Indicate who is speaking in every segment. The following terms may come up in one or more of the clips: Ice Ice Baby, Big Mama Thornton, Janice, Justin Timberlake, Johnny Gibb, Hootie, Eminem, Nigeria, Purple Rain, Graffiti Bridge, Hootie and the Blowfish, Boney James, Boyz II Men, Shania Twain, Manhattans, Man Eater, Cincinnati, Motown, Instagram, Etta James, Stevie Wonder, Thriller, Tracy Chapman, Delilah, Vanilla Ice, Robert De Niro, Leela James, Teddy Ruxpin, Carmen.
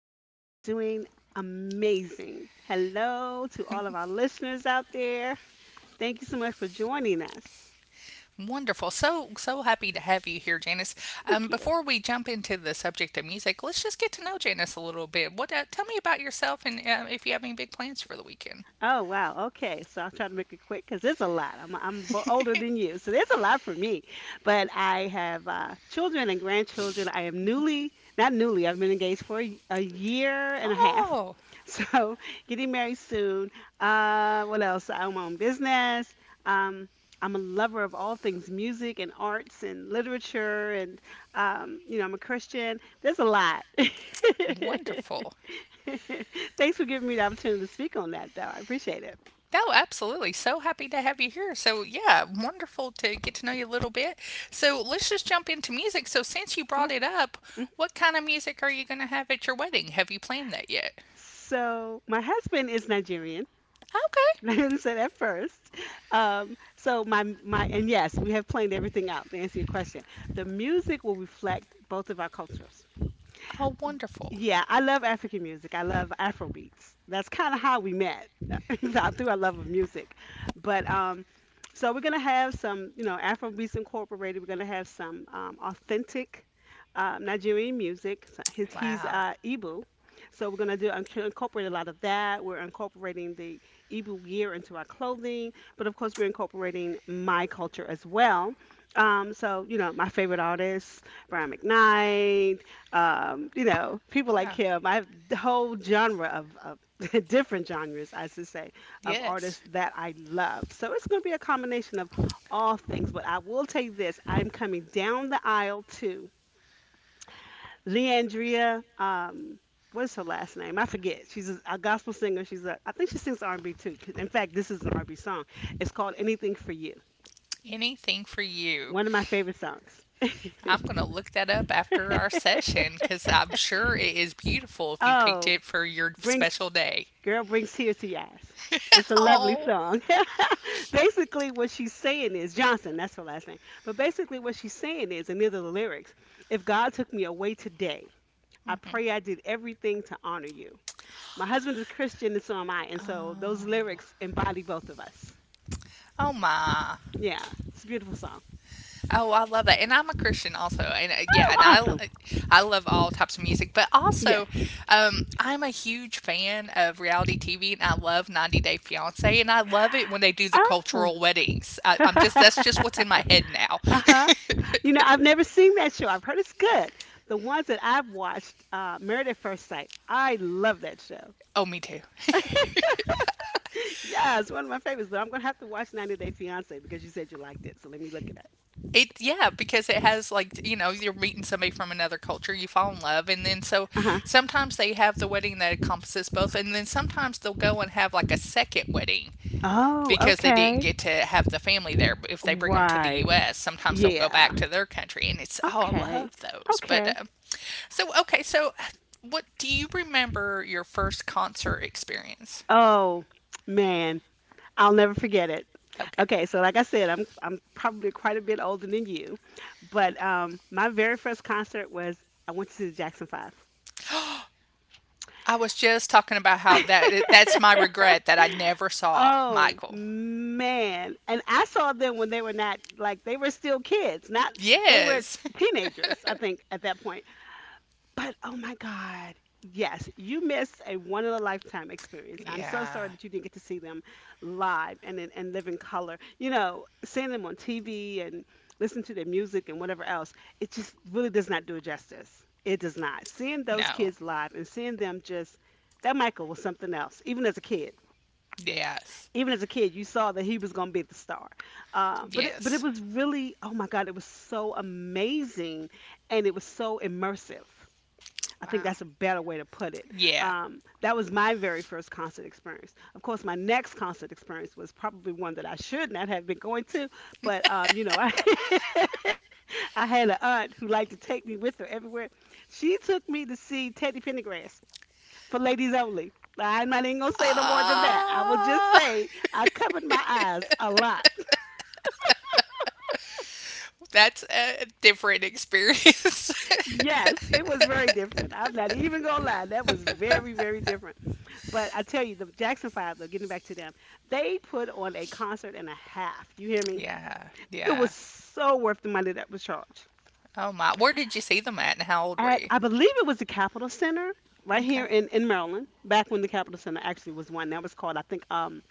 Speaker 1: I am doing amazing. Hello to all of our listeners out there. Thank you so much for joining us.
Speaker 2: Wonderful. So happy to have you here, Janice.
Speaker 1: Thank you.
Speaker 2: Before we jump into the subject of music, let's just get to know Janice a little bit. What? Tell me about yourself and if you have any big plans for the weekend.
Speaker 1: Oh, wow. Okay. So I'll try to make it quick because it's a lot. I'm older than you, so there's a lot for me. But I have children and grandchildren. I am newly, not newly. I've been engaged for a year and a half.
Speaker 2: Oh,
Speaker 1: So getting married soon. What else? I own my own business. Um, I'm a lover of all things music and arts and literature, and you know I'm a Christian. There's a lot.
Speaker 2: wonderful.
Speaker 1: Thanks for giving me the opportunity to speak on that, though. I appreciate it.
Speaker 2: No, absolutely. So happy to have you here. So, yeah, wonderful to get to know you a little bit. So, let's just jump into music. So, since you
Speaker 1: Yeah.
Speaker 2: brought it up,
Speaker 1: Mm.
Speaker 2: what kind of music are you going to have at your wedding? Have you planned that yet?
Speaker 1: So my husband is Nigerian.
Speaker 2: Okay.
Speaker 1: I didn't say that first. So my my and yes, we have planned everything out to answer your question. The music will reflect both of our cultures.
Speaker 2: Oh, wonderful.
Speaker 1: Yeah, I love African music. I love Afro beats. That's kind of how we met through our love of music. But So we're gonna have some, you know, Afro beats incorporated. We're gonna have some authentic Nigerian music. So he's
Speaker 2: Wow.
Speaker 1: Igbo, so we're gonna do incorporate a lot of that. We're incorporating the Igbo gear into our clothing, but of course we're incorporating my culture as well. So you know, my favorite artists, Brian McKnight, you know, people like
Speaker 2: Yeah.
Speaker 1: him. I have the whole genre of different genres, I should say, of
Speaker 2: Yes.
Speaker 1: artists that I love. So it's going to be a combination of all things. But I will tell you this: I'm coming down the aisle to Leandria. What is her last name? I forget. She's a gospel singer. She's a, I think she sings R&B too. In fact, this is an R&B song. It's called "Anything for You."
Speaker 2: Anything for you.
Speaker 1: One of my favorite songs.
Speaker 2: I'm going to look that up after our session, because I'm sure it is beautiful if you picked
Speaker 1: oh,
Speaker 2: it for your
Speaker 1: brings
Speaker 2: special day.
Speaker 1: Girl brings tears to your eyes. It's a lovely
Speaker 2: Oh,
Speaker 1: song. Basically, what she's saying is Johnson, that's her last name. But basically, what she's saying is, and these are the lyrics: if God took me away today, I pray I did everything to honor you. My husband is Christian, and so am I. And so those lyrics embody both of us.
Speaker 2: oh my.
Speaker 1: Yeah, it's a beautiful song.
Speaker 2: Oh, I love that, and I'm a Christian also, and yeah,
Speaker 1: Oh,
Speaker 2: and
Speaker 1: awesome.
Speaker 2: I love all types of music, but
Speaker 1: Yes.
Speaker 2: also I'm a huge fan of reality TV, and I love 90 Day Fiance, and I love it when they do the
Speaker 1: Ah.
Speaker 2: cultural weddings. I'm just that's just what's in my head now.
Speaker 1: Uh huh. You know, I've never seen that show. I've heard it's good. The ones that I've watched, Married at First Sight, I love that show.
Speaker 2: Oh, me too.
Speaker 1: Yeah, it's one of my favorites, but I'm going to have to watch 90 Day Fiancé because you said you liked it. So let me look it
Speaker 2: It yeah, because it has, like, you know, you're meeting somebody from another culture, you fall in love, and then
Speaker 1: up.
Speaker 2: so
Speaker 1: Uh-huh.
Speaker 2: sometimes they have the wedding that encompasses both, and then sometimes they'll go and have like a second wedding
Speaker 1: Oh,
Speaker 2: because they didn't
Speaker 1: okay.
Speaker 2: get to have the family there. But if they bring them to the
Speaker 1: Right.
Speaker 2: U.S., sometimes they'll go
Speaker 1: Yeah.
Speaker 2: back to their country, and it's oh, I
Speaker 1: Okay.
Speaker 2: love those. But
Speaker 1: Okay.
Speaker 2: So okay, so what do you remember your first concert experience?
Speaker 1: Oh, man, I'll never forget it.
Speaker 2: Okay,
Speaker 1: Okay, so like I said, I'm probably quite a bit older than you, but my very first concert was I went to see the Jackson 5.
Speaker 2: I was just talking about how that that's my regret that I never saw
Speaker 1: Oh,
Speaker 2: Michael.
Speaker 1: man, and I saw them when they were not like, they were still kids, not they were
Speaker 2: Yes.
Speaker 1: teenagers, I think, at that point. But oh my God. Yes, you missed a one in a lifetime experience. I'm so
Speaker 2: Yeah.
Speaker 1: sorry that you didn't get to see them live and live in color. You know, seeing them on TV and listen to their music and whatever else, it just really does not do it justice. It does not. Seeing those
Speaker 2: No.
Speaker 1: kids live and seeing them just that Michael was something else. Even as a kid,
Speaker 2: Yes.
Speaker 1: even as a kid, you saw that he was going to be the star. But
Speaker 2: Yes.
Speaker 1: it was really oh my God, it was so amazing and it was so immersive. I think
Speaker 2: Wow.
Speaker 1: that's a better way to put it.
Speaker 2: Yeah.
Speaker 1: That was my very first concert experience. Of course, my next concert experience was probably one that I should not have been going to, but you know, I I had an aunt who liked to take me with her everywhere. She took me to see Teddy Pendergrass for ladies only. I'm not even gonna say no more than that. I will just
Speaker 2: Uh...
Speaker 1: say I covered my eyes a lot.
Speaker 2: That's a different experience.
Speaker 1: Yes, it was very different. I'm not even gonna lie. That was very, very different. But I tell you, the Jackson Five, though, getting back to them, they put on a concert and a half. You hear me?
Speaker 2: Yeah,
Speaker 1: It was
Speaker 2: yeah.
Speaker 1: so worth the money that was charged.
Speaker 2: Oh my. Where did you see them at, and how old were
Speaker 1: At
Speaker 2: you?
Speaker 1: I believe it was the Capitol Center right here
Speaker 2: Okay.
Speaker 1: in Maryland, back when the Capitol Center actually was one. That was called, I think,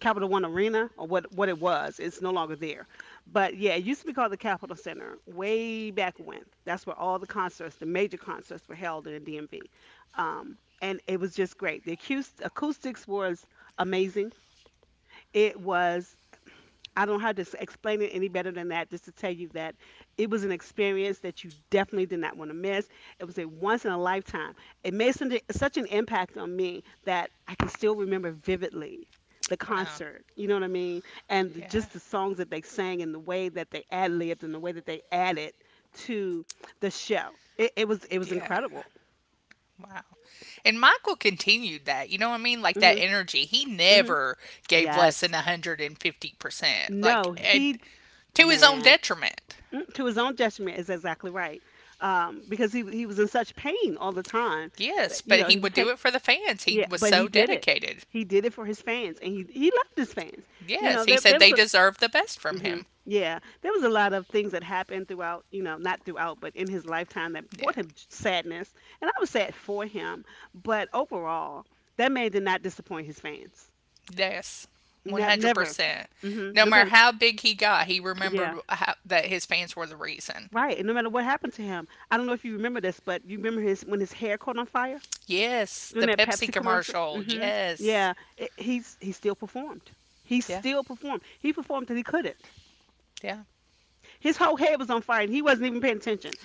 Speaker 1: Capital One Arena or what it was. It's no longer there. But yeah, it used to be called the Capitol Center way back when. That's where all the concerts, the major concerts, were held in the DMV. And it was just great. The acoustics was amazing. It was I don't know how to explain it any better than that, just to tell you that it was an experience that you definitely did not want to miss. It was a once in a lifetime. It made such an impact on me that I can still remember vividly the
Speaker 2: Wow.
Speaker 1: concert. You know what I mean? And
Speaker 2: Yeah.
Speaker 1: just the songs that they sang and the way that they ad libbed and the way that they added to the show. It, it was
Speaker 2: Yeah.
Speaker 1: incredible.
Speaker 2: Wow. And Michael continued that. You know what I mean? Like that
Speaker 1: Hmm
Speaker 2: energy. He
Speaker 1: hmm
Speaker 2: never gave less than
Speaker 1: Yes.
Speaker 2: 150%. Like
Speaker 1: No,
Speaker 2: and
Speaker 1: he
Speaker 2: to his own
Speaker 1: man.
Speaker 2: detriment.
Speaker 1: Mm, To his own detriment is exactly right, because he was in such pain all the time. But,
Speaker 2: Yes,
Speaker 1: you
Speaker 2: but
Speaker 1: know,
Speaker 2: he
Speaker 1: he was
Speaker 2: would do
Speaker 1: taking
Speaker 2: it for the fans. He
Speaker 1: yeah,
Speaker 2: was
Speaker 1: but
Speaker 2: so
Speaker 1: he did it.
Speaker 2: dedicated.
Speaker 1: He did it for his fans, and he loved his fans. You
Speaker 2: Yes,
Speaker 1: know,
Speaker 2: he
Speaker 1: there
Speaker 2: said
Speaker 1: there was
Speaker 2: they
Speaker 1: a
Speaker 2: deserved the best from
Speaker 1: hmm
Speaker 2: him.
Speaker 1: yeah, there was a lot of things that happened throughout. You know, not throughout, but in his lifetime that brought
Speaker 2: Yeah.
Speaker 1: him sadness, and I was sad for him. But overall, that man did not disappoint his fans.
Speaker 2: Yes,
Speaker 1: Never.
Speaker 2: 100%. No matter
Speaker 1: Mm-hmm.
Speaker 2: how big he got, he remembered how, that his fans were the reason.
Speaker 1: Right, and no matter what happened to him, I don't know if you remember this, but you remember his when his hair caught on fire
Speaker 2: Yes,
Speaker 1: during
Speaker 2: the
Speaker 1: that
Speaker 2: Pepsi
Speaker 1: Pepsi commercial.
Speaker 2: commercial.
Speaker 1: Mhm.
Speaker 2: Yes.
Speaker 1: Yeah, it, he still performed. He
Speaker 2: Yeah,
Speaker 1: still performed. He performed that he couldn't.
Speaker 2: yeah.
Speaker 1: His whole head was on fire, and he wasn't even paying attention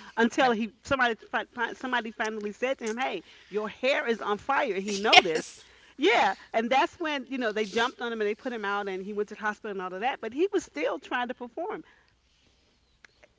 Speaker 2: No.
Speaker 1: until he somebody somebody finally said to him, "Hey, your hair is on fire." And he noticed.
Speaker 2: Yes.
Speaker 1: Yeah, and that's when you know they jumped on him and they put him out, and he went to the hospital and all of that. But he was still trying to perform.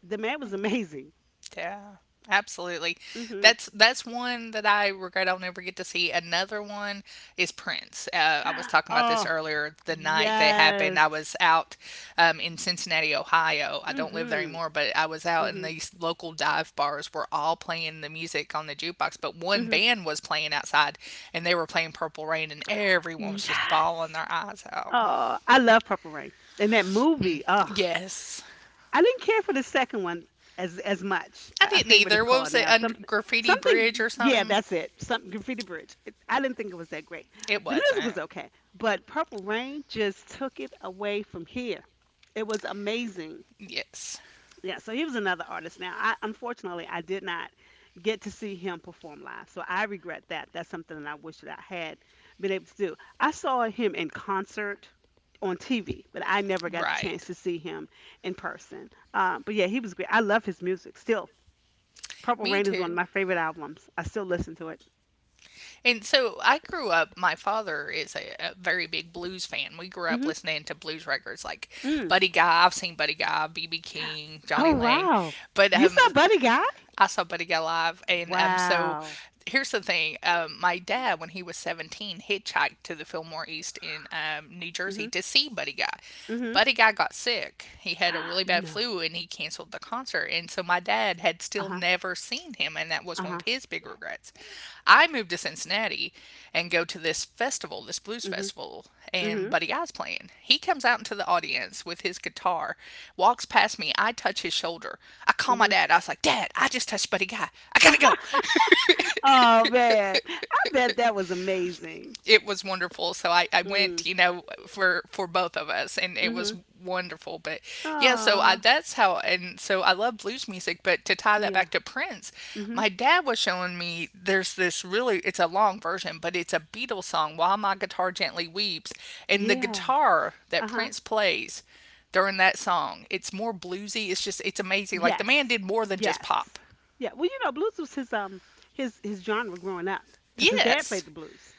Speaker 1: The man was amazing.
Speaker 2: Yeah, absolutely.
Speaker 1: Mhm.
Speaker 2: That's one that I regret I'll never get to see. Another one is Prince. I was talking about this
Speaker 1: Oh.
Speaker 2: earlier the night that happened.
Speaker 1: Yes.
Speaker 2: I was out in Cincinnati, Ohio. I don't live there
Speaker 1: Mhm.
Speaker 2: anymore, but I was out in
Speaker 1: Mhm.
Speaker 2: these local dive bars were all playing the music on the jukebox, but one
Speaker 1: Mhm.
Speaker 2: band was playing outside, and they were playing Purple Rain, and everyone was just bawling
Speaker 1: Yes.
Speaker 2: their eyes out.
Speaker 1: Oh, I love Purple Rain. And that movie, oh,
Speaker 2: Yes.
Speaker 1: I didn't care for the second one as much.
Speaker 2: I
Speaker 1: I
Speaker 2: didn't
Speaker 1: forget what it's
Speaker 2: either. What
Speaker 1: called
Speaker 2: was it?
Speaker 1: now.
Speaker 2: Under
Speaker 1: Something,
Speaker 2: Graffiti
Speaker 1: something.
Speaker 2: Bridge or
Speaker 1: Yeah,
Speaker 2: something?
Speaker 1: that's it. Something Graffiti Bridge. It, I didn't think it was that great.
Speaker 2: It
Speaker 1: The music was
Speaker 2: wasn't.
Speaker 1: okay, but Purple Rain just took it away from here. It was amazing.
Speaker 2: Yes.
Speaker 1: Yeah, so he was another artist. Now, I unfortunately I did not get to see him perform live. So I regret that. That's something that I wish that I had been able to do. I saw him in concert on TV, but I never got a chance
Speaker 2: Right.
Speaker 1: to see him in person. But yeah, he was great. I love his music still. Purple
Speaker 2: Me
Speaker 1: Rain is one of
Speaker 2: too.
Speaker 1: my favorite albums. I still listen to it.
Speaker 2: And so I grew up, my father is a very big blues fan. We grew up
Speaker 1: Hmm.
Speaker 2: listening to blues records like
Speaker 1: Mm.
Speaker 2: Buddy Guy. I've seen Buddy Guy, BB King,
Speaker 1: Oh
Speaker 2: Johnny Lang.
Speaker 1: wow,
Speaker 2: But
Speaker 1: you saw Buddy Guy?
Speaker 2: I saw Buddy Guy live. And so
Speaker 1: Wow.
Speaker 2: here's the thing, my dad, when he was 17, hitchhiked to the Fillmore East in New Jersey
Speaker 1: Mhm.
Speaker 2: to see Buddy Guy.
Speaker 1: Mhm.
Speaker 2: Buddy Guy got sick. He had a really bad
Speaker 1: No.
Speaker 2: flu, and he canceled the concert. And so my dad had
Speaker 1: Uh
Speaker 2: still
Speaker 1: huh.
Speaker 2: never seen him, and that was
Speaker 1: Uh
Speaker 2: one of
Speaker 1: huh.
Speaker 2: his big regrets. I moved to Cincinnati and go to this festival, this blues
Speaker 1: Mhm.
Speaker 2: festival, and
Speaker 1: Mhm.
Speaker 2: Buddy Guy's playing. He comes out into the audience with his guitar, walks past me. I touch his shoulder. I call my
Speaker 1: Mhm.
Speaker 2: dad. I was like, Dad, I just touched Buddy Guy. I gotta go.
Speaker 1: Oh man, I bet that was amazing.
Speaker 2: It was wonderful. So I
Speaker 1: Mm.
Speaker 2: went, you know, for both of us, and it was
Speaker 1: Mhm.
Speaker 2: wonderful. But yeah, so I
Speaker 1: Aw.
Speaker 2: that's how, and so I love blues music. But to tie that
Speaker 1: Yeah.
Speaker 2: back to Prince,
Speaker 1: Mhm.
Speaker 2: my dad was showing me there's this really it's a long version, but it's a Beatles song, "While My Guitar Gently Weeps," and the
Speaker 1: Yeah.
Speaker 2: guitar that
Speaker 1: Uh huh.
Speaker 2: Prince plays during that song, it's more bluesy. It's just it's amazing. Like the man
Speaker 1: Yes.
Speaker 2: did more than just pop.
Speaker 1: Yes. Yeah. Well, you know, blues was his genre growing up because his dad
Speaker 2: Yes.
Speaker 1: played the blues.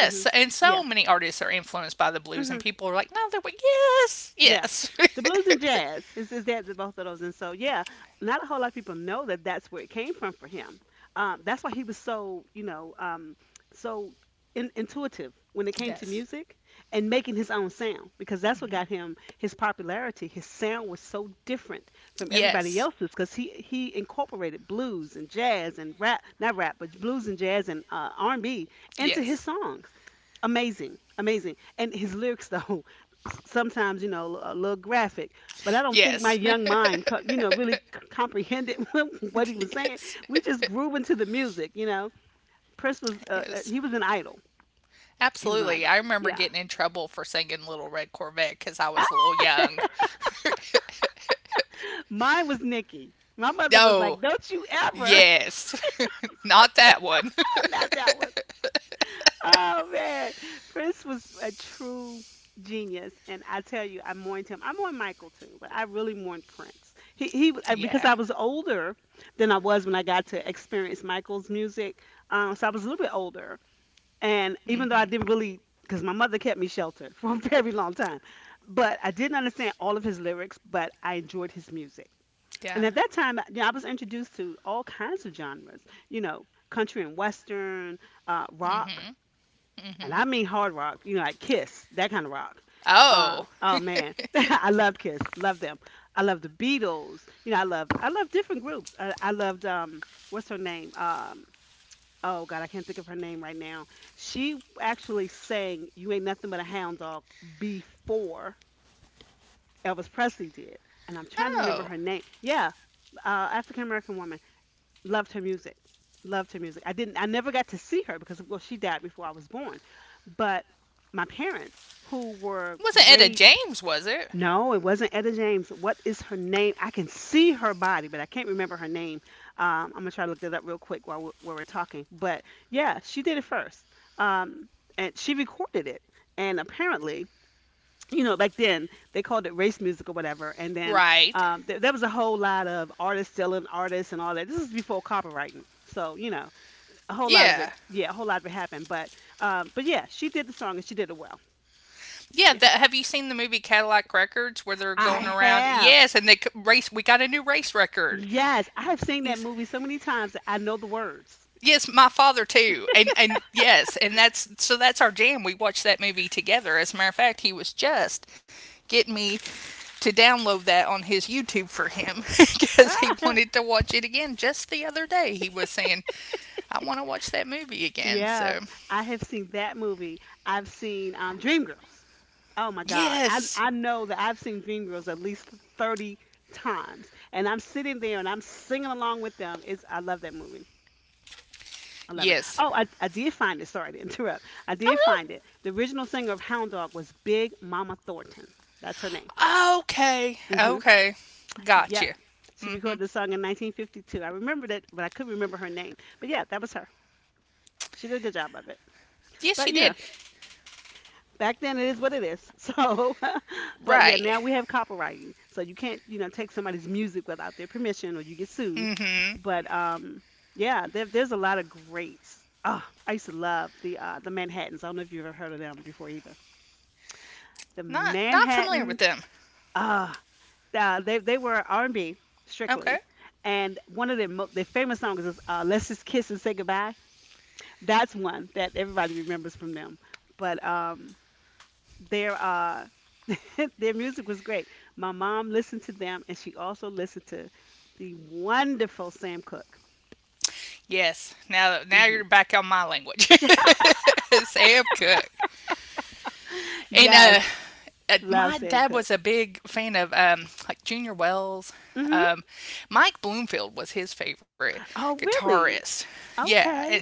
Speaker 1: Mhm.
Speaker 2: and
Speaker 1: Yeah.
Speaker 2: so many artists are influenced by the blues, and
Speaker 1: Mhm.
Speaker 2: people are like, no, they're like, yes,
Speaker 1: Yeah.
Speaker 2: yes,
Speaker 1: The blues and jazz is that the both of those. And so, yeah, not a whole lot of people know that that's where it came from for him. That's why he was so, you know, so intuitive when it came to
Speaker 2: yes,
Speaker 1: music and making his own sound because that's what got him his popularity. His sound was so different from everybody
Speaker 2: yes,
Speaker 1: else's because he incorporated blues and jazz and rap, not rap, but blues and jazz and R&B into his
Speaker 2: yes,
Speaker 1: songs. Amazing, amazing. And his lyrics though, sometimes, you know, a little graphic, but I don't think my
Speaker 2: yes,
Speaker 1: young mind you know really comprehended what he was saying.
Speaker 2: yes,
Speaker 1: We just grew into the music, you know. Prince was
Speaker 2: yes.
Speaker 1: he was an idol. He was an
Speaker 2: Absolutely.
Speaker 1: idol.
Speaker 2: I remember
Speaker 1: Yeah.
Speaker 2: getting in trouble for singing Little Red Corvette because I was a little young.
Speaker 1: Mine was Nikki. My mother was
Speaker 2: No,
Speaker 1: like, don't you ever.
Speaker 2: yes, not that one.
Speaker 1: Not that one. Oh man, Prince was a true genius, and I tell you, I mourned him. I mourned Michael too, but I really mourned Prince. Because
Speaker 2: Yeah,
Speaker 1: I was older than I was when I got to experience Michael's music. So I was a little bit older, and even though I
Speaker 2: mm-hmm,
Speaker 1: didn't really, because my mother kept me sheltered for a very long time, but I didn't understand all of his lyrics, but I enjoyed his music. And
Speaker 2: yeah.
Speaker 1: at that time, you know, I was introduced to all kinds of genres, you know, country and western, rock
Speaker 2: Mm-hmm.
Speaker 1: and
Speaker 2: Mm-hmm.
Speaker 1: I mean hard rock, you know, like Kiss, that kind of rock.
Speaker 2: Oh.
Speaker 1: Oh man, I love Kiss, love them. I love the Beatles. You know, I love different groups. I loved what's her name? Oh God, I can't think of her name right now. She actually sang "You Ain't Nothing But a Hound Dog" before Elvis Presley did, and I'm trying to remember
Speaker 2: Oh.
Speaker 1: her name. Yeah, African American woman. Loved her music. Loved her music. I never got to see her because well she died before I was born. But my parents who were
Speaker 2: Wasn't Etta
Speaker 1: great.
Speaker 2: James, was it?
Speaker 1: No, it wasn't Etta James. What is her name? I can see her body, but I can't remember her name. I'm gonna try to look that up real quick while we're talking. But yeah, she did it first, um, and she recorded it. And apparently, you know, back then they called it race music or whatever. And then
Speaker 2: Right.
Speaker 1: there was a whole lot of artists selling artists and all that. This is before copywriting, so you know, a whole lot of
Speaker 2: Yeah.
Speaker 1: it. Yeah, a whole lot of it happened. But yeah, she did the song and she did it well.
Speaker 2: Yeah,
Speaker 1: Yeah,
Speaker 2: that, have you seen the movie Cadillac Records, where they're
Speaker 1: I
Speaker 2: going around?
Speaker 1: have.
Speaker 2: Yes, and they race. We got a new race record.
Speaker 1: Yes, I have seen that
Speaker 2: Yes,
Speaker 1: movie so many times that I know the words.
Speaker 2: yes, my father too, and yes, and that's so that's our jam. We watched that movie together. As a matter of fact, he was just getting me to download that on his YouTube for him because he wanted to watch it again just the other day. He was saying, "I want to watch that movie again."
Speaker 1: Yeah,
Speaker 2: So
Speaker 1: I have seen that movie. I've seen Dreamgirls. Oh my God. I
Speaker 2: Yes.
Speaker 1: I know that I've seen Dreamgirls at least 30 times. And I'm sitting there and I'm singing along with them. It's I love that movie. I love it.
Speaker 2: Yes.
Speaker 1: Oh, I did find it. Sorry to interrupt. I did
Speaker 2: Oh
Speaker 1: find it. The original singer of Hound Dog was Big Mama Thornton. That's her name.
Speaker 2: no. Okay.
Speaker 1: Hmm.
Speaker 2: Okay.
Speaker 1: Yep.
Speaker 2: Gotcha.
Speaker 1: She recorded the song in 1952. I remember that, but I couldn't remember her name. But yeah, that was her. She did a good job of it.
Speaker 2: Yes,
Speaker 1: But
Speaker 2: she
Speaker 1: you know,
Speaker 2: did.
Speaker 1: back then it is what it is. So, but yeah,
Speaker 2: Right.
Speaker 1: now we have copywriting, so you can't you know take somebody's music without their permission or you get sued.
Speaker 2: Mm-hmm.
Speaker 1: But yeah, there's a lot of greats. Oh, I used to love the Manhattans. I don't know if you've ever heard of them before either. The
Speaker 2: Not not familiar with
Speaker 1: Manhattans,
Speaker 2: them.
Speaker 1: uh, they were R&B
Speaker 2: Okay.
Speaker 1: strictly. And one of their famous songs is "Let's Just Kiss and Say Goodbye." That's one that everybody remembers from them. But their their music was great. My mom listened to them, and she also listened to the wonderful Sam Cooke.
Speaker 2: Yes. Now now
Speaker 1: Hmm.
Speaker 2: you're back on my language. Sam Cooke. And
Speaker 1: Yes, love
Speaker 2: my
Speaker 1: Sam
Speaker 2: dad
Speaker 1: Cooke.
Speaker 2: was a big fan of like Junior Wells.
Speaker 1: Hmm.
Speaker 2: Um, Mike Bloomfield was his favorite
Speaker 1: Oh, really?
Speaker 2: guitarist. Yeah. And
Speaker 1: Okay,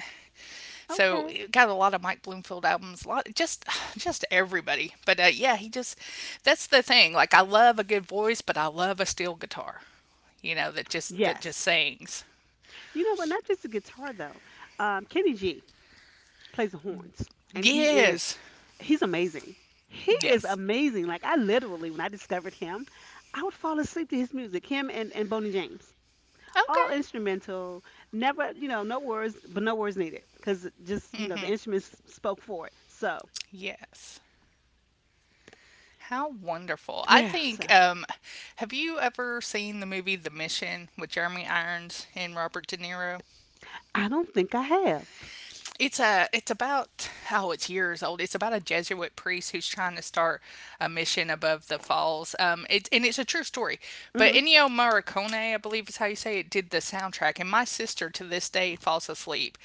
Speaker 2: so
Speaker 1: okay.
Speaker 2: it got a lot of Mike Bloomfield albums, a lot just just everybody. But Yeah, he just that's the thing. Like I love a good voice, but I love a steel guitar. You know that
Speaker 1: Yes.
Speaker 2: just sings.
Speaker 1: You know what? Not just the guitar though. Kenny G plays the horns, and
Speaker 2: Yes,
Speaker 1: he's amazing. He is
Speaker 2: yes,
Speaker 1: amazing. Like I literally, when I discovered him, I would fall asleep to his music. Him and Boney James. All
Speaker 2: okay,
Speaker 1: instrumental, never you know no words, but no words needed because just you know the instruments spoke for it. So
Speaker 2: yes. How wonderful! I
Speaker 1: yeah. So
Speaker 2: think. Have you ever seen the movie The Mission with Jeremy Irons and Robert De Niro?
Speaker 1: I don't think I have.
Speaker 2: It's a it's about oh it's years old. It's about a Jesuit priest who's trying to start a mission above the falls. It's and it's a true story. But
Speaker 1: Mm-hmm.
Speaker 2: Ennio Morricone, I believe is how you say it, did the soundtrack. And my sister to this day falls asleep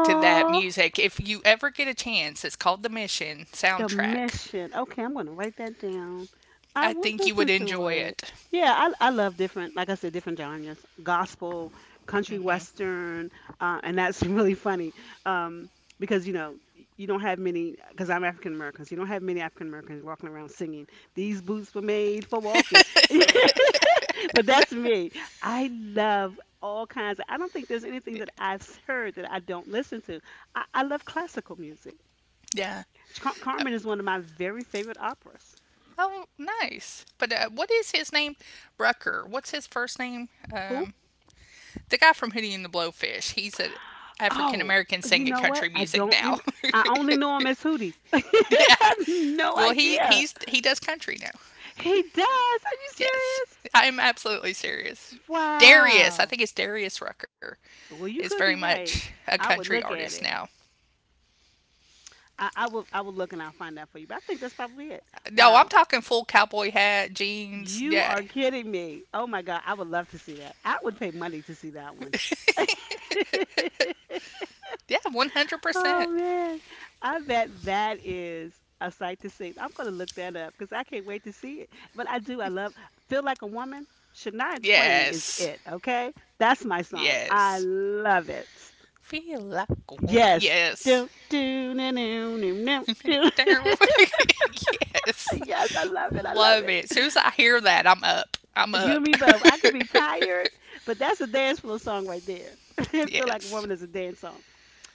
Speaker 2: to that music. If you ever get a chance, it's called the Mission
Speaker 1: The
Speaker 2: soundtrack.
Speaker 1: mission. Okay, I'm gonna write that down. I
Speaker 2: I
Speaker 1: will
Speaker 2: think you
Speaker 1: listen
Speaker 2: would
Speaker 1: to
Speaker 2: enjoy
Speaker 1: it.
Speaker 2: it.
Speaker 1: Yeah, I love different, like I said, different genres: gospel, country
Speaker 2: Hmm.
Speaker 1: western, and that's really funny, um, because you know you don't have many. Because I'm African American, so you don't have many African Americans walking around singing. These boots were made for walking, but that's me. I love all kinds. Of, I don't think there's anything that I've heard that I don't listen to. I love classical music.
Speaker 2: Yeah.
Speaker 1: Carmen is one of my very favorite operas.
Speaker 2: Oh, nice. But What is his name? Rucker. What's his first name?
Speaker 1: Who?
Speaker 2: The guy from Hootie and the Blowfish, he's an African
Speaker 1: Oh,
Speaker 2: American
Speaker 1: you
Speaker 2: singing
Speaker 1: know what?
Speaker 2: country
Speaker 1: I
Speaker 2: music
Speaker 1: don't rem.
Speaker 2: now.
Speaker 1: I only know him as Hootie. I
Speaker 2: Yeah.
Speaker 1: have no
Speaker 2: Well, he
Speaker 1: idea.
Speaker 2: he's he does country now.
Speaker 1: He does. Are you
Speaker 2: Yes,
Speaker 1: serious?
Speaker 2: I'm absolutely serious. Darius, I
Speaker 1: Wow.
Speaker 2: think it's Darius Rucker,
Speaker 1: Well, you
Speaker 2: is
Speaker 1: could
Speaker 2: very
Speaker 1: be right.
Speaker 2: much a
Speaker 1: I would
Speaker 2: country
Speaker 1: look at
Speaker 2: artist
Speaker 1: it.
Speaker 2: now.
Speaker 1: I will. I will look and I'll find out for you. But I think that's probably it.
Speaker 2: No, I'm
Speaker 1: Wow.
Speaker 2: talking full cowboy hat, jeans.
Speaker 1: You
Speaker 2: Yeah,
Speaker 1: are kidding me. Oh my God. I would love to see that. I would pay money to see that one.
Speaker 2: yeah,
Speaker 1: Oh
Speaker 2: 100%.
Speaker 1: man, I bet that is a sight to see. I'm gonna look that up because I can't wait to see it. But I do. I love "Feel Like a Woman." Shania Twain is
Speaker 2: Yes,
Speaker 1: it. Okay, that's my song. I
Speaker 2: yes.
Speaker 1: love it.
Speaker 2: Feel like a woman.
Speaker 1: Yes.
Speaker 2: Yes.
Speaker 1: Do do do do do do, do.
Speaker 2: Darren Wig. Yes.
Speaker 1: Yes, I love it. I love
Speaker 2: Love
Speaker 1: it.
Speaker 2: it. As soon as I hear that, I'm up. I'm
Speaker 1: You and
Speaker 2: up.
Speaker 1: me both. I could be tired, but that's a dance floor song right there. "Feel Like a
Speaker 2: Yes.
Speaker 1: Woman" is a dance song.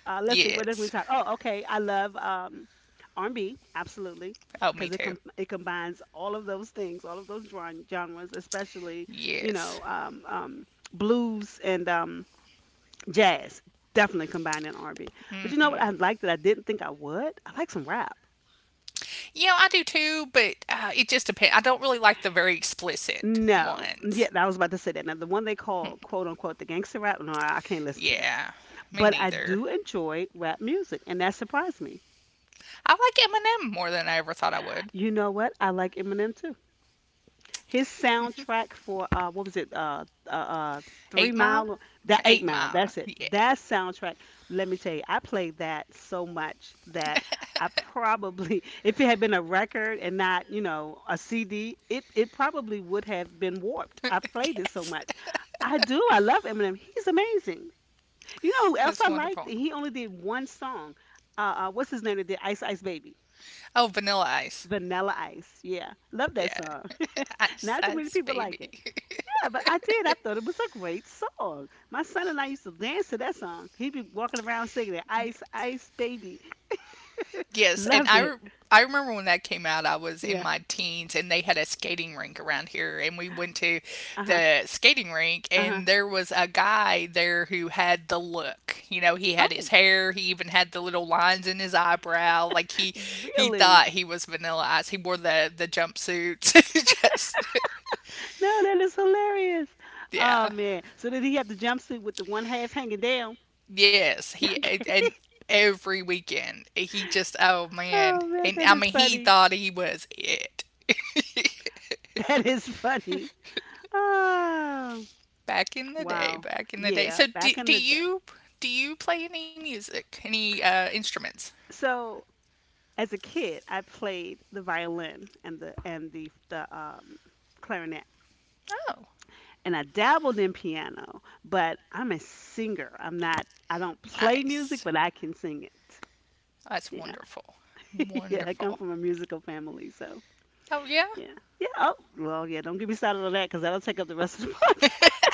Speaker 1: Let's see. What did we
Speaker 2: Yes.
Speaker 1: talk? Oh, okay. I love R&B absolutely
Speaker 2: Oh, me
Speaker 1: because it
Speaker 2: too.
Speaker 1: com- it combines all of those things, all of those drawing genres, especially you
Speaker 2: Yes.
Speaker 1: know blues and jazz. Definitely combining R&B. But you know what
Speaker 2: Mm-hmm.
Speaker 1: I like that I didn't think I would. I like some rap.
Speaker 2: Yeah, I do too, but it just depends. I don't really like the very explicit
Speaker 1: No, yeah,
Speaker 2: ones.
Speaker 1: I was about to say that. Now the one they call quote unquote the gangster rap. No, I can't listen to that.
Speaker 2: Yeah, me
Speaker 1: But I
Speaker 2: neither.
Speaker 1: do enjoy rap music, and that surprised me.
Speaker 2: I like Eminem more than I ever thought I would.
Speaker 1: You know what? I like Eminem too. His soundtrack for what was it, three
Speaker 2: Eight Mile?
Speaker 1: mile, that eight
Speaker 2: Eight
Speaker 1: mile
Speaker 2: Mile.
Speaker 1: that's it,
Speaker 2: Yeah.
Speaker 1: that soundtrack. Let me tell you, I played that so much that I probably if it had been a record and not you know a CD, it probably would have been warped. I played it so
Speaker 2: Yes.
Speaker 1: much. I do. I love Eminem. He's amazing. You know who else
Speaker 2: That's
Speaker 1: I liked?
Speaker 2: wonderful.
Speaker 1: He only did one song. What's his name that did Ice Ice Baby?
Speaker 2: Oh, Vanilla Ice.
Speaker 1: Vanilla Ice, yeah, love that
Speaker 2: Yeah.
Speaker 1: song.
Speaker 2: Ice
Speaker 1: Not too many
Speaker 2: Ice
Speaker 1: people like
Speaker 2: Baby.
Speaker 1: it. Yeah, but I did. I thought it was a great song. My son and I used to dance to that song. He'd be walking around singing it. Ice, ice, baby.
Speaker 2: Yes, and
Speaker 1: Loved it.
Speaker 2: I remember when that came out, I was in
Speaker 1: Yeah.
Speaker 2: my teens and they had a skating rink around here and we went to
Speaker 1: Uh huh.
Speaker 2: the skating rink,
Speaker 1: Uh huh.
Speaker 2: and there was a guy there who had the look. You know, he had his
Speaker 1: Oh,
Speaker 2: hair, he even had the little lines in his eyebrow. Like he
Speaker 1: really?
Speaker 2: thought he was vanilla ice. He wore the jumpsuits. Just
Speaker 1: No, that is hilarious. Oh
Speaker 2: yeah.
Speaker 1: man. So did he have the jumpsuit with the one half hanging down?
Speaker 2: Yes, he
Speaker 1: Okay.
Speaker 2: and every weekend he just oh man,
Speaker 1: Oh man,
Speaker 2: and
Speaker 1: that
Speaker 2: I
Speaker 1: is
Speaker 2: mean he
Speaker 1: funny.
Speaker 2: thought he was it
Speaker 1: That is funny. Oh
Speaker 2: back in the day.
Speaker 1: wow.
Speaker 2: Back in the day.
Speaker 1: Yeah,
Speaker 2: So do
Speaker 1: back in
Speaker 2: do
Speaker 1: the day.
Speaker 2: you do you play any music, any instruments?
Speaker 1: So as a kid, I played the violin and the clarinet,
Speaker 2: Oh,
Speaker 1: and I dabbled in piano. But I'm a singer. I'm not. I don't play music,
Speaker 2: nice.
Speaker 1: but I can sing it.
Speaker 2: That's
Speaker 1: Yeah,
Speaker 2: wonderful.
Speaker 1: yeah. I come
Speaker 2: Wonderful.
Speaker 1: from a musical family, so
Speaker 2: Oh yeah,
Speaker 1: yeah, yeah. Oh, well, yeah. Don't get me started on that because that'll take up the rest of the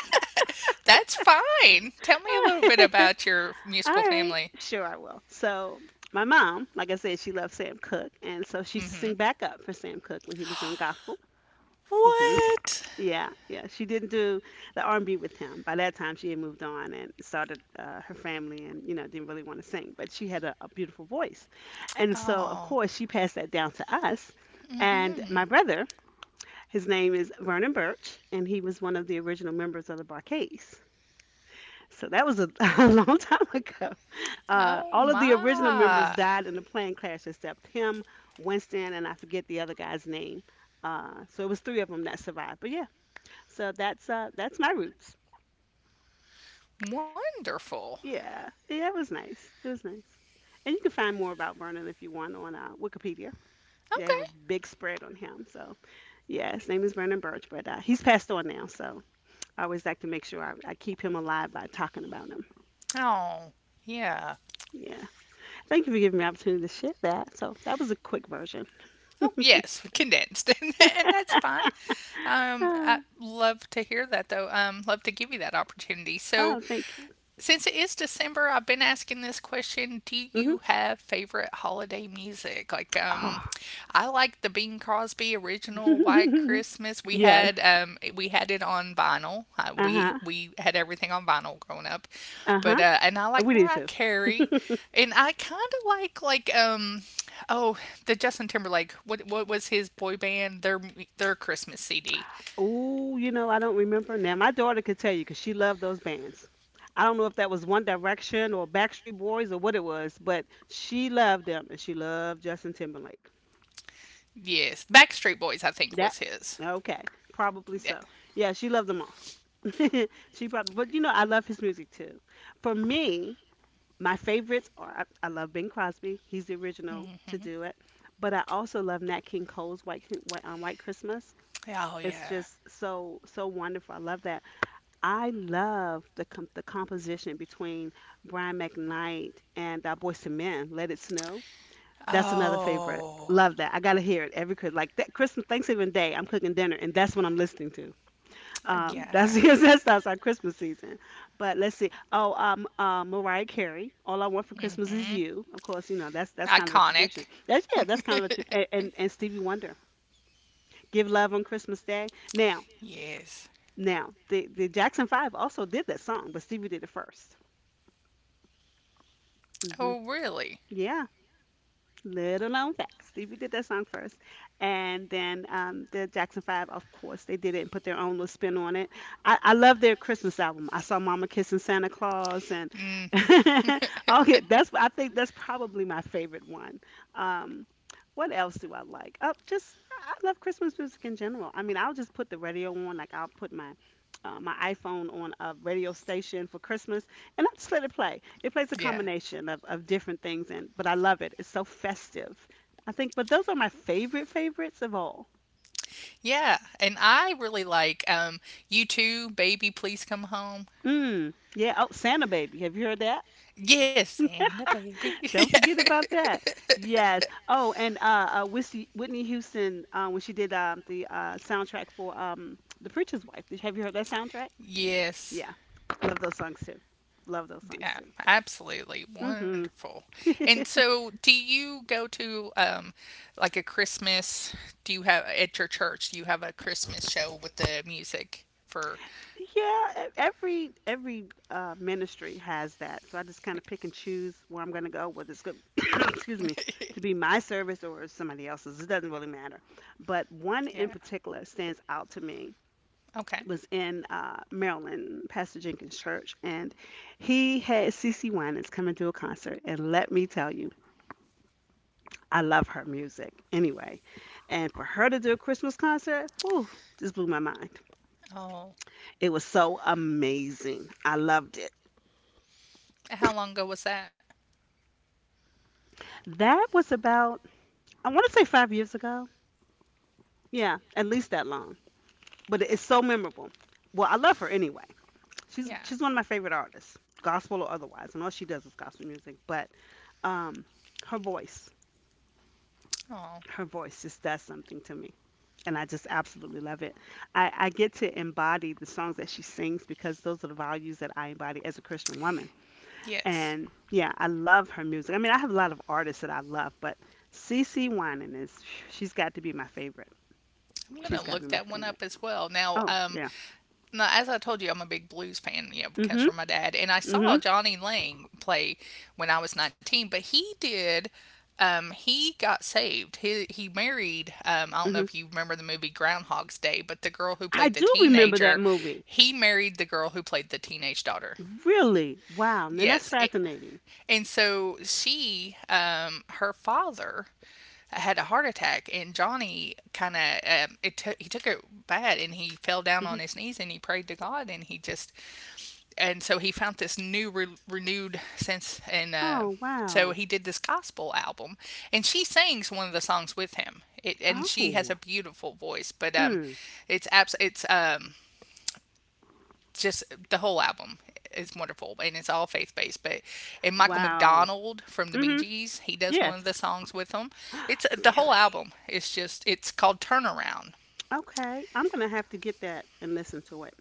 Speaker 2: that's fine. Tell me a little bit
Speaker 1: podcast.
Speaker 2: about your
Speaker 1: All
Speaker 2: musical
Speaker 1: right,
Speaker 2: family.
Speaker 1: sure I will. So my mom, like I said, she loved Sam Cooke, and so she used to
Speaker 2: Mm-hmm.
Speaker 1: sing backup for Sam Cooke when he was on gospel. Hmm.
Speaker 2: What?
Speaker 1: Yeah, yeah. She didn't do the R&B with him. By that time, she had moved on and started her family, and you know didn't really want to sing. But she had a beautiful voice, and so of
Speaker 2: Oh.
Speaker 1: course she passed that down to us.
Speaker 2: Mm
Speaker 1: And
Speaker 2: hmm.
Speaker 1: my brother, his name is Vernon Birch, and he was one of the original members of the Barcades. So that was a a long time ago.
Speaker 2: Oh
Speaker 1: All of the original members
Speaker 2: my.
Speaker 1: died in the plane crash except him, Winston, and I forget the other guy's name. So it was three of them that survived. But yeah, so that's my roots.
Speaker 2: Wonderful.
Speaker 1: Yeah. Yeah, it was nice. It was nice. And you can find more about Vernon if you want on Wikipedia. They have a
Speaker 2: Okay.
Speaker 1: big spread on him. So, yeah, his name is Vernon Birch, but he's passed on now. So, I always like to make sure I keep him alive by talking about him.
Speaker 2: Oh, yeah.
Speaker 1: Yeah. Thank you for giving me the opportunity to share that. So, that was a quick version.
Speaker 2: Oh, yes, condensed, and, that, and that's fine. I
Speaker 1: Uh,
Speaker 2: love to hear that, though. Love to give you that opportunity. So,
Speaker 1: oh, thank you.
Speaker 2: since it is December, I've been asking this question, do
Speaker 1: Hmm.
Speaker 2: you have favorite holiday music? Like
Speaker 1: Oh.
Speaker 2: I like the Bing Crosby original White Christmas.
Speaker 1: Yes.
Speaker 2: We had it on vinyl.
Speaker 1: Uh
Speaker 2: We
Speaker 1: huh.
Speaker 2: we had everything on vinyl growing up.
Speaker 1: Uh huh.
Speaker 2: But and I like
Speaker 1: We did
Speaker 2: Mariah
Speaker 1: too.
Speaker 2: Carey and I kind of like oh, the Justin Timberlake what was his boy band their Christmas CD.
Speaker 1: Oh, you know, I don't remember now. My daughter could tell you because she loved those bands. I don't know if that was One Direction or Backstreet Boys or what it was, but she loved them and she loved Justin Timberlake.
Speaker 2: Yes, Backstreet Boys I think
Speaker 1: That
Speaker 2: was his.
Speaker 1: okay, probably so.
Speaker 2: Yeah.
Speaker 1: Yeah, she loved them all. She probably, but you know, I love his music too. For me, my favorites are I love Bing Crosby. He's the original to
Speaker 2: Hmm.
Speaker 1: do it, but I also love Nat King Cole's White Christmas.
Speaker 2: Oh
Speaker 1: It's
Speaker 2: yeah.
Speaker 1: just so wonderful. I love that. I love the composition between Brian McKnight and Boyz II Men, "Let It Snow." That's another favorite.
Speaker 2: Oh,
Speaker 1: Love that. I gotta hear it every Christmas. Like that Christmas, Thanksgiving Day, I'm cooking dinner, and that's what I'm listening to. That's
Speaker 2: yeah.
Speaker 1: that's our Christmas season. But let's see. Oh, Mariah Carey, "All I Want for Christmas Is
Speaker 2: Hmm.
Speaker 1: You." Of course, you know that's kind of a tradition.
Speaker 2: Iconic.
Speaker 1: That's yeah, that's kind of a tra- and Stevie Wonder, "Give Love on Christmas Day." Now,
Speaker 2: Yes.
Speaker 1: now the Jackson Five also did that song, but Stevie did it first. Hmm.
Speaker 2: Oh, really?
Speaker 1: Yeah, little known facts. Stevie did that song first, and then the Jackson Five, of course, they did it and put their own little spin on it. I love their Christmas album. I saw Mama kissing Santa Claus, and
Speaker 2: Hmm.
Speaker 1: okay, that's I think that's probably my favorite one. Um, what else do I like? Oh, just I love Christmas music in general. I mean, I'll just put the radio on, like I'll put my my iPhone on a radio station for Christmas and that's let it play. It plays a
Speaker 2: Yeah.
Speaker 1: combination of different things and but I love it. It's so festive. I think but those are my favorite favorites of all.
Speaker 2: Yeah. And I really like you too, baby, please come home.
Speaker 1: Mm. Yeah. Oh, Santa Baby. Have you heard that?
Speaker 2: Yes, and a baby.
Speaker 1: Don't forget about that. Yes. Oh, and Whitney Houston when she did the soundtrack for The Preacher's Wife. Have you heard that soundtrack? Yeah.
Speaker 2: Yes.
Speaker 1: Love those songs too. Love those songs
Speaker 2: Yeah, absolutely
Speaker 1: too.
Speaker 2: wonderful.
Speaker 1: Mhm.
Speaker 2: And so, do you go to like a Christmas? Do you have at your church? Do you have a Christmas show with the music for?
Speaker 1: Yeah, every ministry has that. So I just kind of pick and choose where I'm going to go, whether it's good, excuse me, to be my service or somebody else's. It doesn't really matter. But one in
Speaker 2: Yeah.
Speaker 1: particular stands out to me. It
Speaker 2: Okay.
Speaker 1: was in Maryland, Pastor Jenkins Church, and he had C. C. Winans come and do a concert. And let me tell you, I love her music anyway. And for her to do a Christmas concert, whew, just blew my mind.
Speaker 2: Oh,
Speaker 1: It was so amazing. I loved it.
Speaker 2: how long ago was that?
Speaker 1: That was about, I want to say 5 years ago. Yeah, at least that long. But it's so memorable. Well, I love her anyway. She's
Speaker 2: Yeah.
Speaker 1: she's one of my favorite artists, gospel or otherwise, and all she does is gospel music. But um, her voice,
Speaker 2: Oh,
Speaker 1: her voice just does something to me, and I just absolutely love it. I get to embody the songs that she sings because those are the values that I embody as a Christian woman.
Speaker 2: yes.
Speaker 1: And yeah, I love her music. I mean, I have a lot of artists that I love, but CC Winan is she's got to be my favorite.
Speaker 2: I'm gonna
Speaker 1: She's got to
Speaker 2: look
Speaker 1: be my
Speaker 2: that one
Speaker 1: favorite.
Speaker 2: up as well. Now,
Speaker 1: Oh, yeah.
Speaker 2: now, as I told you, I'm a big blues fan. You know, it comes
Speaker 1: Mhm.
Speaker 2: from my dad, and I saw
Speaker 1: Mhm.
Speaker 2: Johnny Lang play when I was 19. But he did. He got saved. He married. I don't know
Speaker 1: Mhm.
Speaker 2: if you remember the movie Groundhog's Day, but the girl who
Speaker 1: I
Speaker 2: played the
Speaker 1: do remember that
Speaker 2: teenager,
Speaker 1: movie.
Speaker 2: he married the girl who played the teenage daughter.
Speaker 1: Really? Wow. Now that's
Speaker 2: Yes, it,
Speaker 1: fascinating.
Speaker 2: and so her father had a heart attack, and Johnny it took he took it bad, and he fell down
Speaker 1: Hmm.
Speaker 2: on his knees and he prayed to God, and he just, and so he found this new renewed sense, and
Speaker 1: Oh,
Speaker 2: so
Speaker 1: wow.
Speaker 2: he did this gospel album, and she sings one of the songs with him it, and she has
Speaker 1: Oh.
Speaker 2: a beautiful voice, but
Speaker 1: Mm.
Speaker 2: it's just the whole album is wonderful, and it's all faith based. But and Michael
Speaker 1: Wow.
Speaker 2: McDonald from the Bee
Speaker 1: Mhm.
Speaker 2: Gees, he does one of the
Speaker 1: Yes.
Speaker 2: songs with them. It's the whole
Speaker 1: really?
Speaker 2: album is just, it's called Turnaround.
Speaker 1: Okay. I'm gonna have to get that and listen to it.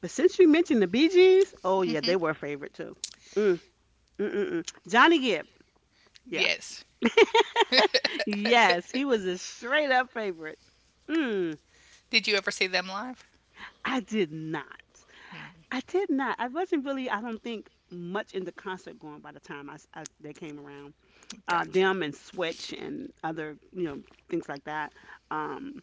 Speaker 1: But since you mentioned the Bee Gees, oh yeah, they were a favorite too. Mm. Mm-mm-mm. Johnny Gibb. Yeah.
Speaker 2: Yes.
Speaker 1: Yes, he was a straight up favorite. Mm.
Speaker 2: Did you ever see them live?
Speaker 1: I did not. I did not. I wasn't really, I don't think, much into concert going by the time they came around.
Speaker 2: Gotcha.
Speaker 1: Them and Switch and other, you know, things like that. Um,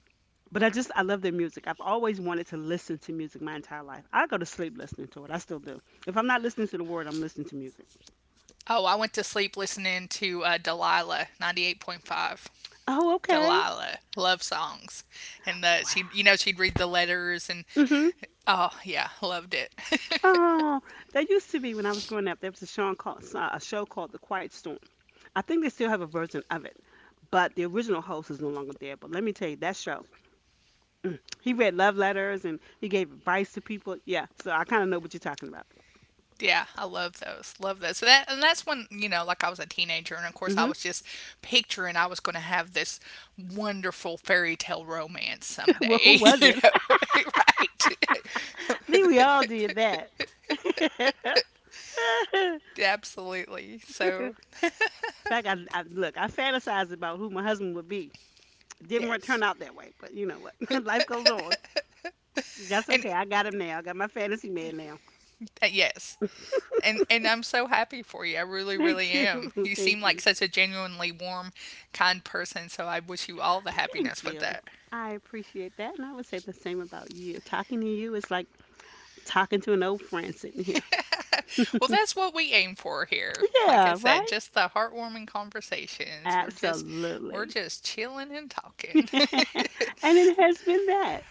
Speaker 1: but I just, I love their music. I've always wanted to listen to music my entire life. I go to sleep listening to it. I still do. If I'm not listening to the word, I'm listening to music.
Speaker 2: Oh, I went to sleep listening to Delilah, 98.5.
Speaker 1: Oh, okay.
Speaker 2: Delilah, love songs. She, you
Speaker 1: Wow.
Speaker 2: know, she'd read the letters, and
Speaker 1: Mhm.
Speaker 2: oh, yeah, loved it.
Speaker 1: Oh, there used to be when I was growing up. There was a show called The Quiet Storm. I think they still have a version of it, but the original host is no longer there. But let me tell you, that show he read love letters and he gave advice to people. Yeah, so I kind of know what you're talking about.
Speaker 2: Yeah, I love those. Love those. So that, and that's when, you know, like I was a teenager. And of course, I
Speaker 1: Hmm.
Speaker 2: was just picturing I was going to have this wonderful fairy tale romance
Speaker 1: well, who
Speaker 2: someday,
Speaker 1: was
Speaker 2: you
Speaker 1: it?
Speaker 2: know, right?
Speaker 1: I think we all did that. In
Speaker 2: Absolutely. So,
Speaker 1: fact, I fantasized about who my husband would be. It didn't work,
Speaker 2: yes.
Speaker 1: turn out that way, but you know what? Life goes on. That's
Speaker 2: And
Speaker 1: okay. I got him now. I got my fantasy man now.
Speaker 2: yes. And I'm so happy for you. I really, really
Speaker 1: Thank
Speaker 2: am.
Speaker 1: you.
Speaker 2: You seem
Speaker 1: Thank
Speaker 2: like
Speaker 1: you.
Speaker 2: such a genuinely warm, kind person, so I wish you all the happiness
Speaker 1: Thank
Speaker 2: with
Speaker 1: you.
Speaker 2: that.
Speaker 1: I appreciate that. And I would say the same about you. Talking to you is like talking to an old friend sitting here.
Speaker 2: Well, that's what we aim for here. Like I
Speaker 1: Yeah,
Speaker 2: said,
Speaker 1: right?
Speaker 2: just the heartwarming conversations. We're
Speaker 1: Absolutely.
Speaker 2: just chilling and talking.
Speaker 1: And it has been that.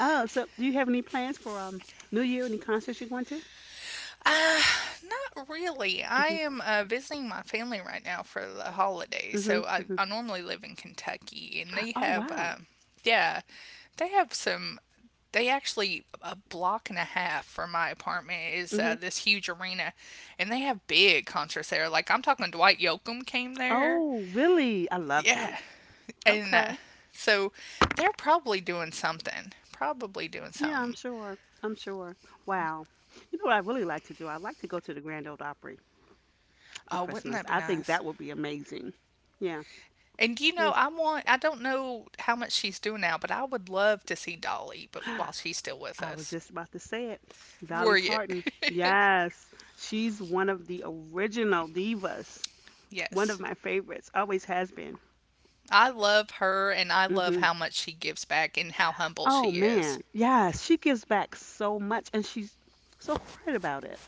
Speaker 1: Oh, so do you have any plans for New Year? Any concerts you're going to?
Speaker 2: Not really. I am visiting my family right now for the holidays.
Speaker 1: Hmm.
Speaker 2: So
Speaker 1: Hmm.
Speaker 2: I,
Speaker 1: Hmm.
Speaker 2: I normally live in Kentucky, and they
Speaker 1: Oh,
Speaker 2: have,
Speaker 1: wow.
Speaker 2: yeah, they have some. They actually, a block and a half from my apartment is
Speaker 1: Hmm.
Speaker 2: this huge arena, and they have big concerts there. Like I'm talking, Dwight Yoakam came there.
Speaker 1: Oh, really? I love
Speaker 2: Yeah,
Speaker 1: him.
Speaker 2: and
Speaker 1: Okay.
Speaker 2: so they're probably doing something. Probably doing
Speaker 1: Yeah, I'm
Speaker 2: something.
Speaker 1: sure. I'm sure. Wow. You know what I really like to do? I like to go to the Grand Ole Opry
Speaker 2: Oh,
Speaker 1: for
Speaker 2: wouldn't that
Speaker 1: Christmas.
Speaker 2: be
Speaker 1: I think
Speaker 2: nice?
Speaker 1: that would be amazing. Yeah.
Speaker 2: And you know,
Speaker 1: Yeah.
Speaker 2: I don't know how much she's doing now, but I would love to see while she's still with
Speaker 1: I was
Speaker 2: us.
Speaker 1: just about to say it.
Speaker 2: Were
Speaker 1: Dolly
Speaker 2: you?
Speaker 1: Parton. Yes. She's one of the original divas. One
Speaker 2: Yes.
Speaker 1: of my favorites. Always has been.
Speaker 2: I love her, and I love
Speaker 1: Hmm.
Speaker 2: how much she gives back and how humble
Speaker 1: Oh
Speaker 2: she is.
Speaker 1: man. Yes, she gives back so much and she's so quiet about it.